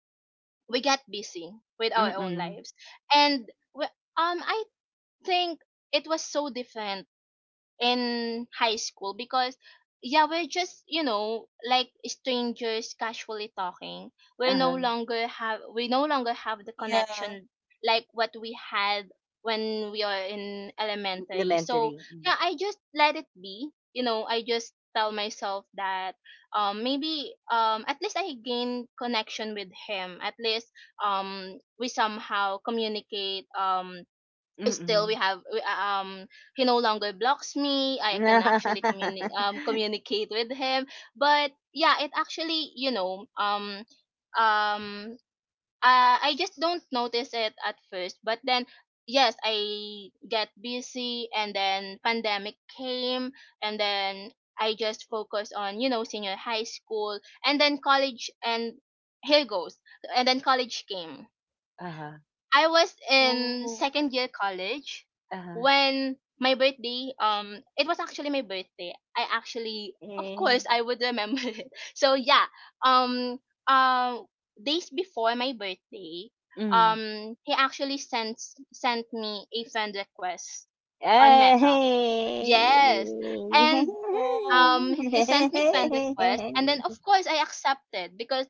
B: we get busy with our
A: Mm.
B: own
A: Mm,
B: lives. And we, I think it was so different in high school because yeah, we're just like strangers casually talking.
A: uh-huh.
B: We no longer have the
C: Yeah.
B: connection like what we had when we are in elementary. So
A: Elementary. Mm.
B: yeah, I just let it be. I just tell myself that maybe, at least I gain connection with him, at least we somehow communicate. Still
A: Mm.
B: we have we, He no longer blocks me, I can actually communicate with him. But yeah, it actually, um I just don't notice it at first, but then yes, I get busy, and then pandemic came, and then I just focus on senior high school and then college, and here goes. And then college came.
A: Uh-huh.
B: I was
C: Oh.
B: in second year college
A: Uh-huh.
B: when my birthday, it was actually my birthday. I actually, of
A: Eh.
B: course, I would remember it. So yeah, um um days before my birthday,
A: Mm.
B: he actually sent me a friend request on Meta.
A: Ay.
B: Yes. And
C: Oh.
B: he sent me friend request, and then of course I accepted because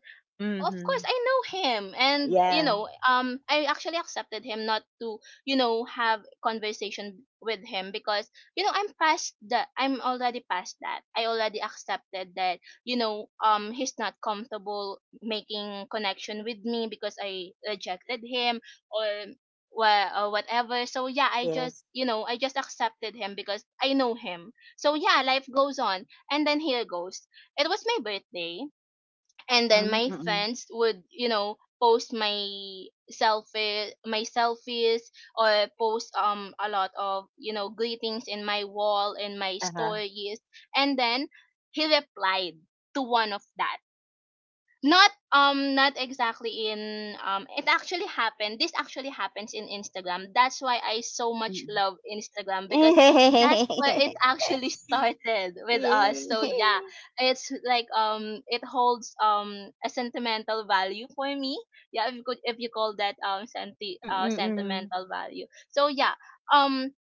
B: of course
A: Mhm.
B: I know him. And
A: Yeah,
B: I actually accepted him not to have conversation with him, because I'm past that, I'm already past that. I already accepted that he's not comfortable making connection with me because I rejected him or or whatever. So yeah, I just
A: yes.
B: I just accepted him because I know him. So yeah, life goes on, and then here goes. It was my birthday,
A: Mm.
B: and then
A: Mm.
B: my
A: Mm mm.
B: friends would post my selfies or post a lot of greetings in my wall and my
A: Uh-huh.
B: stories. And then he replied to one of that, not not exactly in it actually happened. This actually happens in Instagram. That's why I so much
A: Mm.
B: love Instagram, because that's
A: Mm.
B: where it actually started with us.
A: Mm.
B: So yeah, it's like it holds a sentimental value for me. Yeah, if you could, if you call that
A: Mm.
B: sentimental value. So yeah, um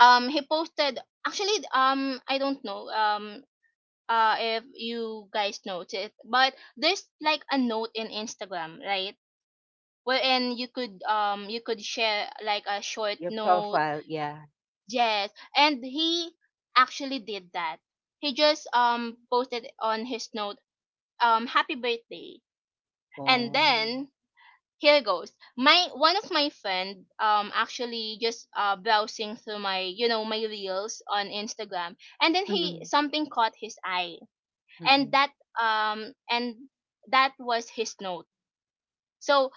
B: he posted, actually, I don't know, if you guys noticed, but there's like a note in Instagram, right, wherein you could, you could share like a short
A: Your
B: note.
A: profile, yeah.
B: Yes. And he actually did that. He just posted on his note happy birthday. And
A: Oh.
B: then here goes my one of my friend, actually just browsing through my my reels on Instagram, and then he
A: Mm.
B: something caught his eye.
A: Mm. Mm
B: And
A: mm.
B: um and that was his note. So,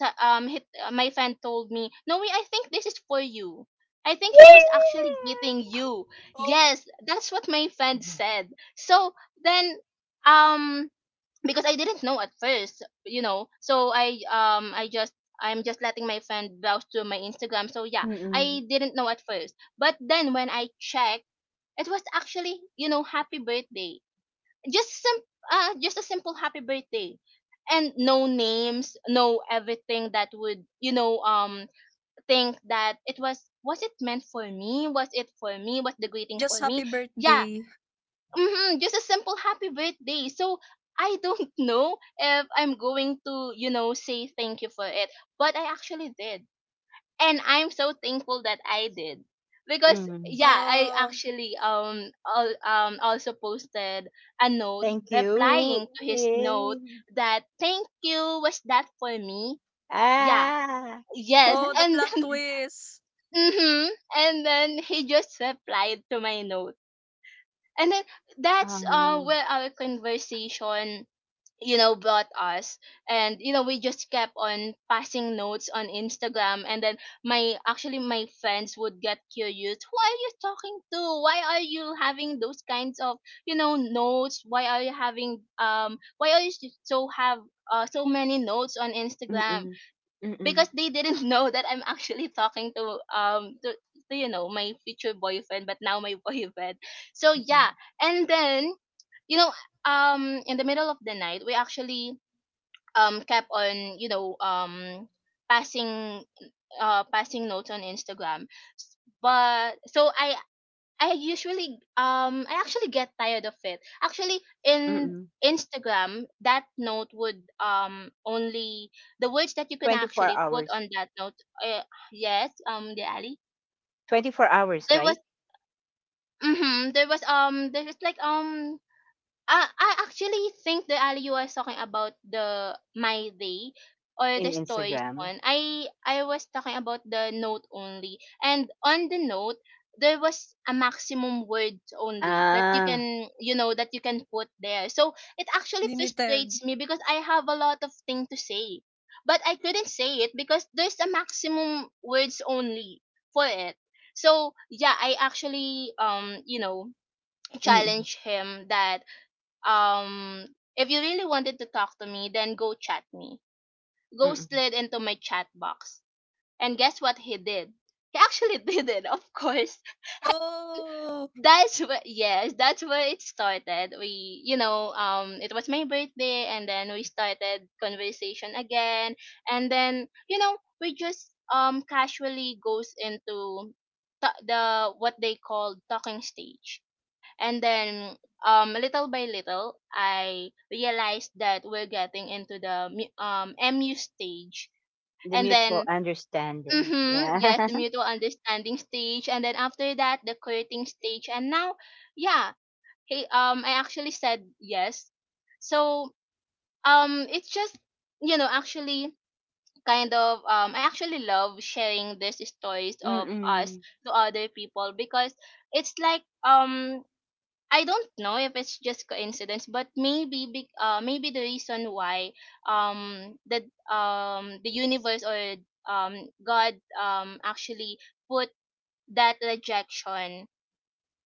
B: so, he, my friend told me, no, I think this is for you. I think he was actually greeting you.
C: Oh.
B: Yes, that's what my friend
A: Yeah.
B: said. So then, um because I didn't know at first, you know, so I, I just, I'm just letting my friend browse through my Instagram. So yeah,
A: Mm Mm.
B: I didn't know at first, but then when I checked, it was actually you know happy birthday, just just a simple happy birthday. And no names, no everything that would you know think that it was it meant for me, was it for me, was the greeting
C: Just
B: for me.
C: happy
B: Yeah.
C: birthday.
B: Mm-hmm, just a simple happy birthday. So I don't know if I'm going to you know say thank you for it, but I actually did. And I'm so thankful that I did, because
A: Mm,
B: yeah, I
C: Oh.
B: actually also posted a note
A: thank you.
B: replying to his
A: Yay.
B: note, that thank you, was that for me. Yeah.
A: Ah.
B: Yes.
C: Oh, the
B: And
C: plot
B: then
C: twist.
B: hmm, and then he just replied to my note, and then that's
A: um,
B: where our conversation, you know, brought us. And you know, we just kept on passing notes on Instagram. And then my, actually my friends would get curious: who are you talking to, why are you having those kinds of you know notes, why are you having why are you so have so many notes on Instagram.
A: mm-mm, mm-mm,
B: Because they didn't know that I'm actually talking to to you know my future boyfriend, but now my boyfriend. So
A: mm-mm,
B: yeah. And then, you know, in the middle of the night we actually kept on passing, passing notes on Instagram. But so I usually, I actually get tired of it, actually in
A: mm-mm.
B: Instagram that note would only, the words that you can
A: 24
B: actually put
A: hours.
B: on that note. uh, yes, the alley
A: 24 hours,
B: there was,
A: right?
B: mm-hmm, there was like I actually think the Ali you was talking about the my day or
A: In
B: the stories
A: Instagram.
B: one. I was talking about the note only, and on the note there was a maximum words only that you can,
A: Ah.
B: you know, that you can put there. So it actually
C: Limited.
B: frustrates me because I have a lot of thing to say, but I couldn't say it because there's a maximum words only for it. So yeah, I actually you know
A: Mm-mm,
B: challenge him that, um, if you really wanted to talk to me, then go chat me. Ghost
A: mm-mm.
B: slid into my chat box. And guess what he did? He actually did it, of course.
C: Oh.
B: That's where, yes, that's where it started. We, you know, it was my birthday and then we started conversation again. And then, you know, we just casually goes into the what they call talking stage. And then little by little I realized that we're getting into the MU stage.
A: The
B: And
A: mutual
B: then
A: understanding.
B: mhm,
A: Yeah.
B: yes, the mutual understanding stage, and then after that the courting stage, and now yeah, hey, I actually said yes. So it's just you know actually kind of I actually love sharing these stories of us
A: Mm-mm.
B: to other people because it's like I don't know if it's just coincidence, but maybe big maybe the reason why that the universe or God actually put that rejection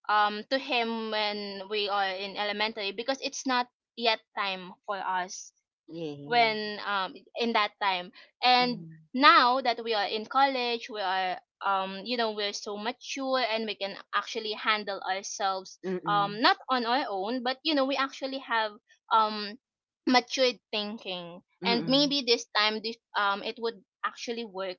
B: to him when we are in elementary, because it's not yet time for us
A: Yay.
B: when in that time. And
A: Mm-mm,
B: now that we are in college, we are you know we're so mature and we can actually handle ourselves,
A: mm-mm,
B: not on our own, but you know we actually have um matured thinking. And
A: mm-mm,
B: maybe this time this it would actually work,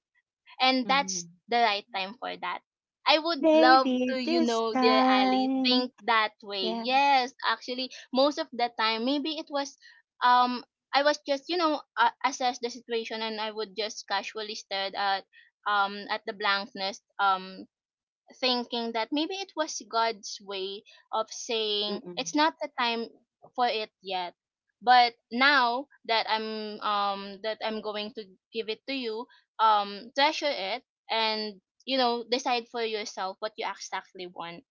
B: and that's
A: mm-mm.
B: the right time for that. I would love to,
A: Maybe
B: you
A: this
B: know, dear Ali, think
A: time.
B: that way.
A: Yeah.
B: Yes, actually, most of the time, maybe it was, um, I was just, you know, assess the situation, and I would just casually stare at the blankness, thinking that maybe it was God's way of saying it's
A: Mm-mm.
B: not the time for it yet. But now that I'm going to give it to you, treasure it, and you know decide for yourself what you exactly want.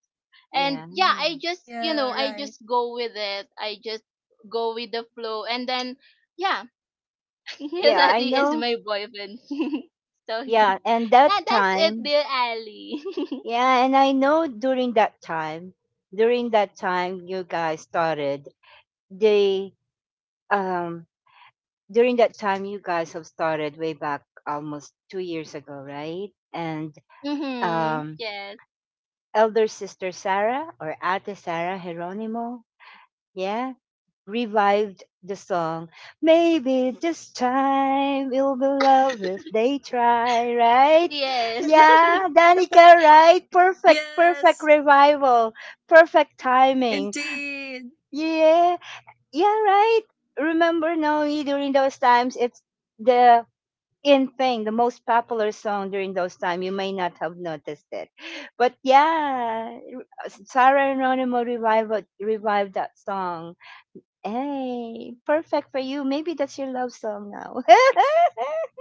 B: And
A: Yeah.
B: yeah, I just you
C: Yeah,
B: know I
C: right.
B: just go with it. I just go with the flow, and then yeah,
A: Yeah, I
B: Letty is
A: know.
B: my boyfriend. So
A: Yeah, and
B: yeah,
A: that
B: that's it,
A: time,
B: dear Ali.
A: yeah, and I know during that time you guys started the um during that time you guys have started way back almost 2 years ago, right? And
B: Mm-hmm.
A: um
B: Yes.
A: elder sister Sarah or Ate Sarah Geronimo, yeah, revived the song. Maybe this time it'll be love if they try, right?
B: Yes.
A: Yeah, Danica, right? Perfect, perfect
C: Yes.
A: revival, perfect timing.
C: Indeed.
A: Yeah, yeah, right. Remember Noe during those times, it's the in thing, the most popular song during those time. You may not have noticed it, but yeah, Sarah Anonimo revived that song. Hey, perfect for you. Maybe that's your love song now.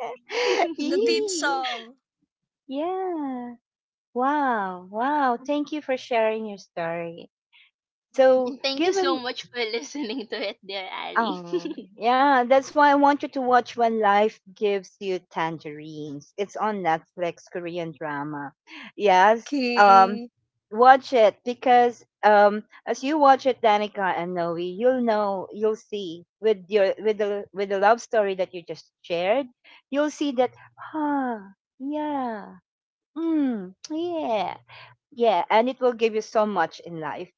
C: The theme
A: Yee.
C: song.
A: Yeah. Wow. Wow. Thank you for sharing your story. So,
B: And thank you so
A: given
B: much for listening to it, dear Ali.
A: Oh, yeah, that's why I want you to watch When Life Gives You Tangerines. It's on Netflix, Korean drama. Yes, um,
C: Okay.
A: watch it because as you watch it, Danica and Noe, you'll know, you'll see with your with the love story that you just shared, you'll see that, ah, yeah, mm, yeah. Yeah, and it will give you so much in life.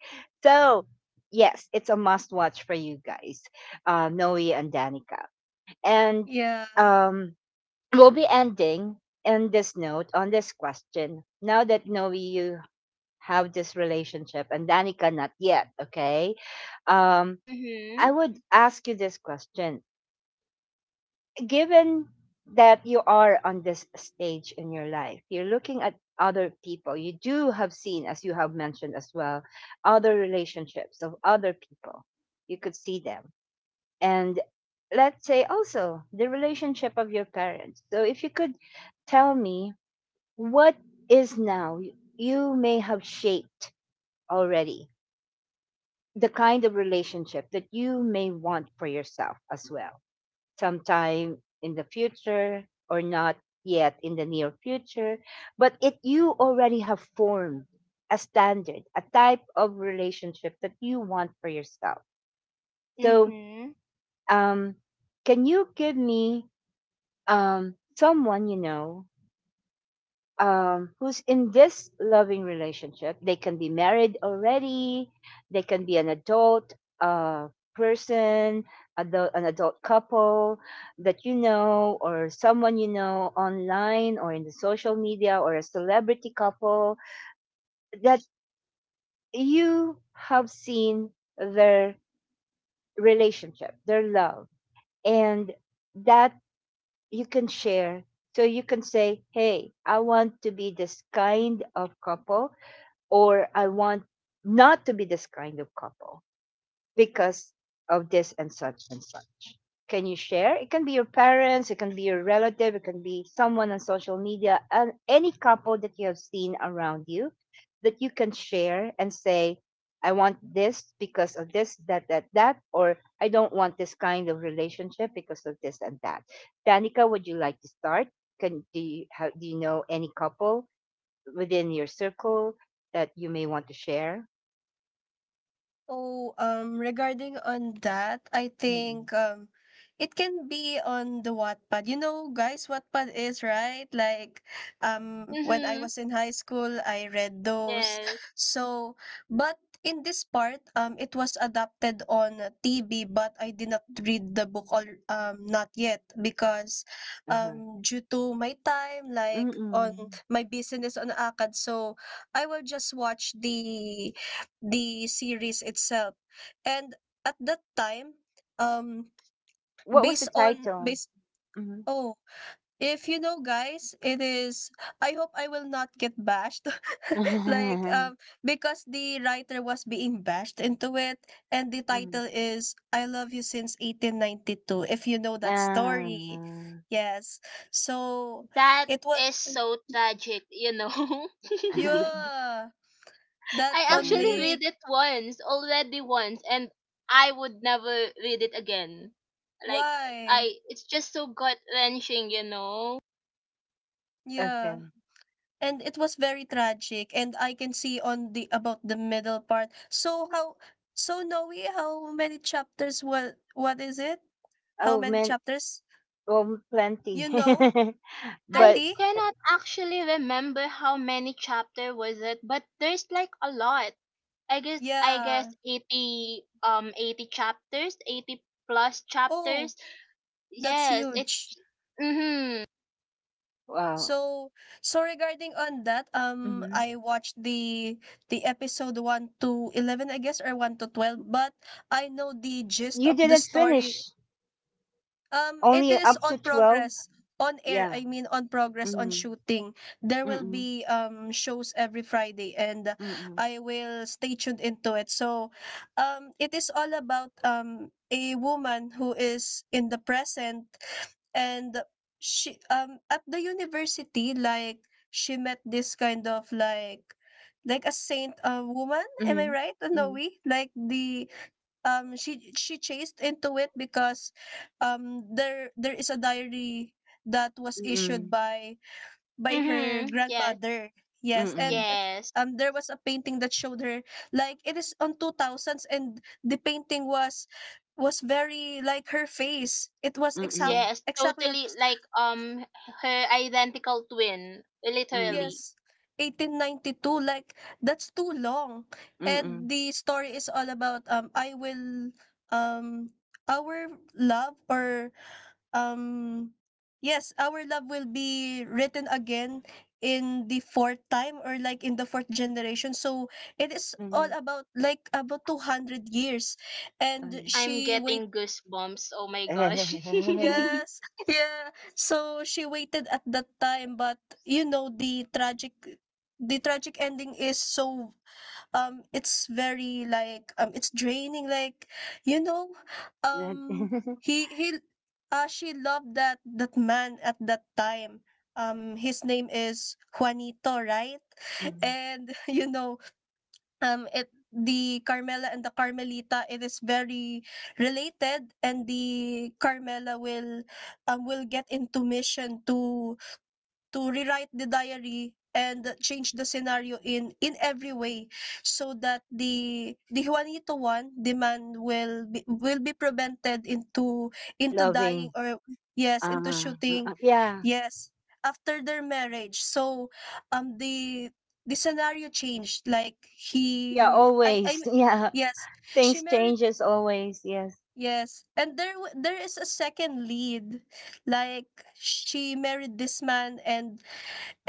A: So, yes, it's a must watch for you guys, Noe and Danica. And
C: Yeah.
A: um, we'll be ending in this note on this question. Now that Noe, you have this relationship, and Danica, not yet, okay? Um,
B: Mm-hmm.
A: I would ask you this question given that you are on this stage in your life, you're looking at other people. You do have seen, as you have mentioned as well, other relationships of other people. You could see them. And let's say also the relationship of your parents. So if you could tell me what is now you may have shaped already the kind of relationship that you may want for yourself as well sometime in the future or not yet in the near future, but it you already have formed a standard, a type of relationship that you want for yourself. So
B: Mm-hmm.
A: um can you give me someone you know, who's in this loving relationship. They can be married already, they can be an adult uh, person, an adult couple that you know, or someone you know online or in the social media, or a celebrity couple that you have seen their relationship, their love, and that you can share. So you can say, hey, I want to be this kind of couple, or I want not to be this kind of couple because of this and such and such. Can you share? It can be your parents, it can be your relative, it can be someone on social media, and any couple that you have seen around you that you can share and say, I want this because of this, that, that, that, or I don't want this kind of relationship because of this and that. Danica, would you like to start? Can do you, how, do you know any couple within your circle that you may want to share?
C: Oh, regarding on that, I
A: Mm-mm.
C: think it can be on the Wattpad. You know, guys, Wattpad is right. Like, when I
B: Mm-hmm.
C: was in high school, I read those.
B: Yes.
C: So, but in this part, it was adapted on TV, but I did not read the book all, not yet, because,
A: Uh-huh.
C: due to my time, like on
A: Mm-mm.
C: my business on Akad, so I will just watch the series itself. And at that time, um,
A: What was the title?
C: based,
A: Mhm.
C: oh, if you know guys, it is, I hope I will not get bashed. Like
A: Mhm.
C: because the writer was being bashed into it, and the title is I Love You Since 1892, if you know that story.
A: Ah,
C: Yes. So
B: That
C: it was,
B: is so tragic, you know.
C: yeah, that
B: I
C: on
B: actually
A: nice.
C: lake.
B: read it once, already once, and I would never read it again. Like,
C: Why?
B: I it's just so gut wrenching, you know.
C: Yeah.
A: Okay.
C: And it was very tragic, and I can see on the about the middle part. So how, so Noe, how many chapters, what is it, how
A: Oh,
C: many
A: man.
C: chapters,
A: Well, plenty.
C: you know
B: I
A: But,
C: 30?
B: cannot actually remember how many chapter was it, but there's like a lot. I
C: Yeah.
B: guess 80, 80 chapters, 80 plus
C: Oh,
B: chapters.
C: that's
B: Yes,
C: huge.
B: it's mhm.
A: wow.
C: So so, regarding on that,
A: Mhm.
C: I watched the episode 1 to 11, I guess, or 1 to 12, but I know the gist
A: You
C: of the
A: didn't
C: story.
A: finish.
C: It
A: Only
C: is
A: up to
C: on
A: 12?
C: progress on air.
A: Yeah.
C: I mean, on progress on
A: Mhm.
C: shooting. There will
A: Mm-mm.
C: be shows every Friday, and
A: Mm-mm.
C: I will stay tuned into it. So, it is all about a woman who is in the present, and she, at the university, like she met this kind of, like, a saint, woman. Am I
A: Mhm.
C: right, Noe?
A: Mhm.
C: Like the, she chased into it because, there is a diary that was issued
A: Mm-mm.
C: by her
B: Mhm. Yes.
C: grandmother, yes,
A: Mm-mm.
C: and,
B: Yes.
C: there was a painting that showed her, like it is on 2000s, and the painting was very like her face. It was
A: Mm-mm.
B: Yes,
C: exactly
B: totally like her identical twin,
A: Mm-mm.
B: literally.
C: yes, 1892, like, that's too long. And
A: Mm-mm.
C: the story is all about, I will, um our love, or Um, yes, our love will be written again in the fourth time, or like in the fourth generation. So it is all
A: Mm-mm.
C: about, like, about 200 years. And
B: I'm
C: she wait
B: getting goosebumps. Oh my gosh.
A: Not
C: Yes, yeah. So she waited at that time, but you know the tragic ending is so, it's very, like, it's draining, like, you know, um he she loved that man at that time. His name is Juanito, right?
A: Mhm.
C: And you know, it the Carmela and the Carmelita, it is very related, and the Carmela will, will get into mission to rewrite the diary and change the scenario in every way, so that the Juanito one, the man, will be, prevented into dying,
A: Loving.
C: or yes, into
A: Ah,
C: shooting,
A: yeah,
C: yes, after their marriage. So, um the the scenario changed, like,
A: yeah,
C: he I
A: always.
C: mean,
A: Yeah,
C: yes, she
A: things
C: married,
A: changes always. Yes.
C: yes, and there there is a second lead, like, she married this man. and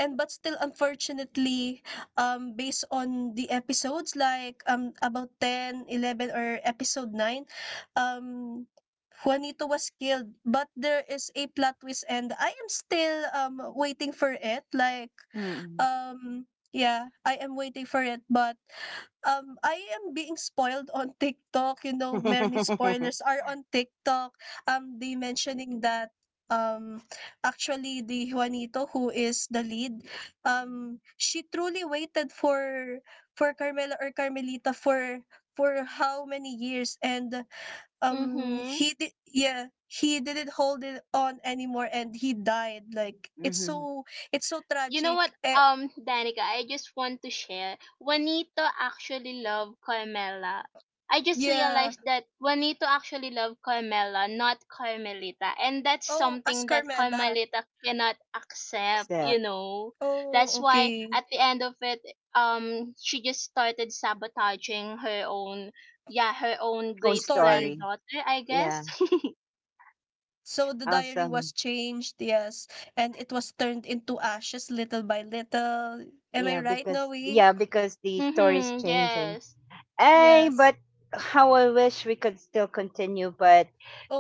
C: And but still, unfortunately, based on the episodes, like, about 10, 11, or episode 9, um, Juanito was killed, but there is a plot twist, and I am still, waiting for it, like,
A: Mm-mm.
C: um, yeah, I am waiting for it, but, I am being spoiled on TikTok. You know, many
A: Hmm.
C: spoilers are on TikTok. They mentioning that, um actually, the Juanito who is the lead, she truly waited for Carmela or Carmelita for how many years, and,
B: Mhm.
C: he did yeah, he didn't hold it on anymore, and he died, like, it's so,
B: You know
C: tragic,
B: what,
C: eh.
B: Danica, I just want to share. Juanito actually loved Carmela. I just
C: Yeah.
B: realized that Juanito actually loved Carmela, not Carmelita. And that's
C: Oh, as
B: something that
C: Carmela.
B: Carmelita cannot accept, you
A: Except
B: know.
C: Oh,
B: That's why
C: okay.
B: at the end of it, she just started sabotaging her own, yeah, her own
A: own
B: great
C: Story.
A: story.
B: granddaughter, I guess.
A: Yeah,
C: So the diary was
A: awesome.
C: changed, yes, and it was turned into ashes little by little. Am I right, Noe?
A: Yeah, because the story is
B: Mm-hmm,
A: changing.
B: yes.
A: Hey,
C: Yes.
A: but how I wish we could still continue, but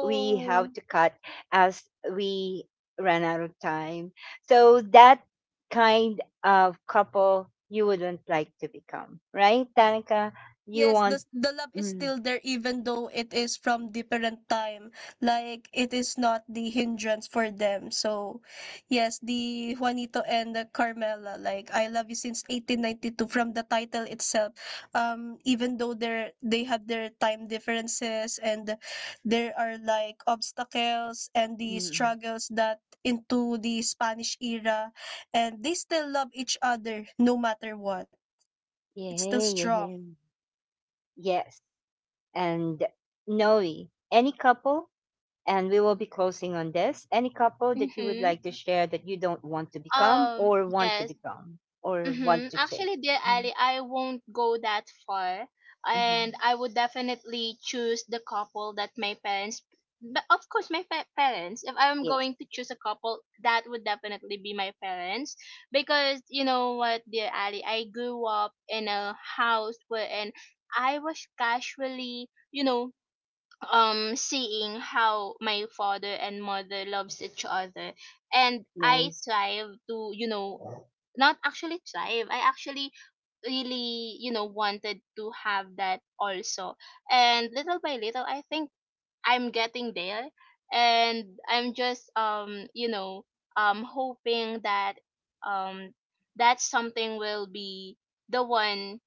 A: we have to cut as we ran out of time. So that kind of couple you wouldn't like to become, right, Tanika? You
C: Yes,
A: want,
C: the love is
A: mm,
C: still there, even though it is from different time. Like it is not the hindrance for them. So, yes, the Juanito and the Carmela, like, I love you since 1892, from the title itself. Even though they have their time differences, and there are, like, obstacles and the
A: mm,
C: struggles that into the Spanish era, and they still love each other no matter what. It's still
A: yeah,
C: strong.
A: yeah, yes, and Noe, any couple, and we will be closing on this. Any couple that you would
B: Mm-hmm.
A: like to share that you don't want to become,
B: Um,
A: or want to
B: yes.
A: become, or
B: Mm-hmm.
A: want to change?
B: Actually, dear
A: Mm,
B: Ali, I won't go that far, and
A: mm-hmm.
B: I would definitely choose the couple that my parents. But of course, my parents. If I'm
A: Yes,
B: going to choose a couple, that would definitely be my parents, because you know what, dear Ali, I grew up in a house wherein I was casually, you know, seeing how my father and mother loves each other, and I
A: nice.
B: thrive to you know, not actually thrive I actually really you know wanted to have that also. And little by little I think I'm getting there, and I'm just you know hoping that um that something will be the one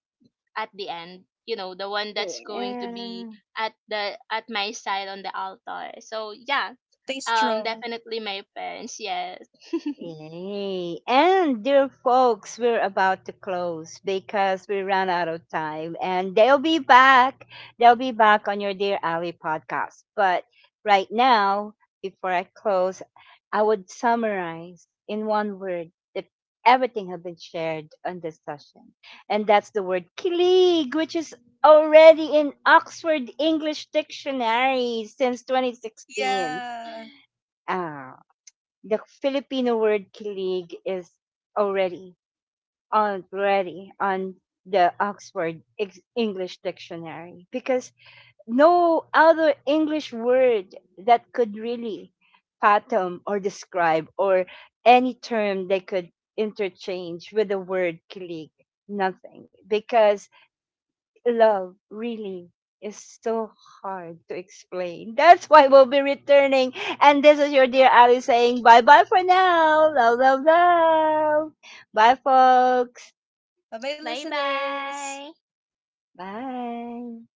B: at the end, you know, the one that's going to
A: Yeah.
B: be at the, at my side on the altar. So yeah,
C: Stay strong.
B: definitely my parents, yes.
A: Yay. And dear folks, we're about to close because we ran out of time and they'll be back. They'll be back on your Dear Ali podcast. But right now, before I close, I would summarize in one word that everything has been shared on this session. And that's the word kilig, which is already in Oxford English Dictionary since 2016.
C: Yeah.
A: Ah, the Filipino word kilig is already already on the Oxford English Dictionary, because no other English word that could really fathom or describe, or any term they could interchange with the word kilig. Nothing, because love really is so hard to explain. That's why we'll be returning. And this is your dear Ali saying bye bye for now. Love, love, love. Bye, folks.
C: Bye bye,
B: Bye
C: listeners.
B: bye.
A: Bye.